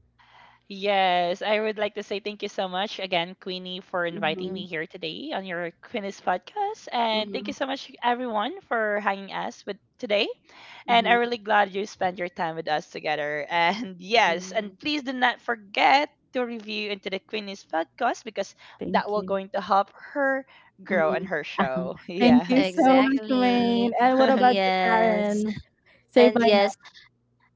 [SPEAKER 3] Yes, I would like to say thank you so much again, Queenie, for inviting me
[SPEAKER 1] Mhm,
[SPEAKER 3] here today on your Queenie's podcast. And thank you
[SPEAKER 1] mhm,
[SPEAKER 3] so much, everyone, for hanging us with today. And
[SPEAKER 1] mhm.
[SPEAKER 3] I'm really glad you spent your time with us together. And yes,
[SPEAKER 2] Mm-hmm.
[SPEAKER 3] and please do not forget to review into the Queenie's podcast, because that
[SPEAKER 1] Thank
[SPEAKER 3] will
[SPEAKER 1] you.
[SPEAKER 3] going to help her grow on
[SPEAKER 1] Mhm.
[SPEAKER 3] her
[SPEAKER 1] Uh-huh.
[SPEAKER 3] show.
[SPEAKER 1] Thank
[SPEAKER 3] Yeah.
[SPEAKER 1] you so much,
[SPEAKER 2] Exactly.
[SPEAKER 1] Wayne. And what about you,
[SPEAKER 2] Yes.
[SPEAKER 1] Karen? Say
[SPEAKER 2] And
[SPEAKER 1] bye
[SPEAKER 2] yes,
[SPEAKER 1] now.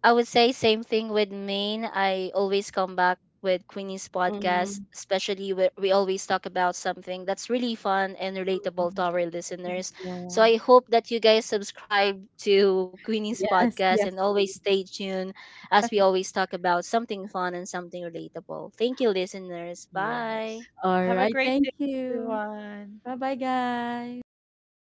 [SPEAKER 2] I would say same thing with Maine. I always come back with Queenie's podcast,
[SPEAKER 1] Mhm,
[SPEAKER 2] especially where we always talk about something that's really fun and relatable to
[SPEAKER 1] mhm.
[SPEAKER 2] our listeners. So
[SPEAKER 1] Yeah.
[SPEAKER 2] I hope that you guys subscribe to Queenie's
[SPEAKER 1] Yes,
[SPEAKER 2] podcast and
[SPEAKER 1] yes,
[SPEAKER 2] always
[SPEAKER 1] please.
[SPEAKER 2] stay tuned, as we always talk about something fun and something relatable. Thank you, listeners. Bye.
[SPEAKER 3] Yes.
[SPEAKER 1] All
[SPEAKER 3] Have a
[SPEAKER 1] right.
[SPEAKER 3] great day,
[SPEAKER 1] Thank you.
[SPEAKER 3] everyone.
[SPEAKER 1] Bye bye, guys.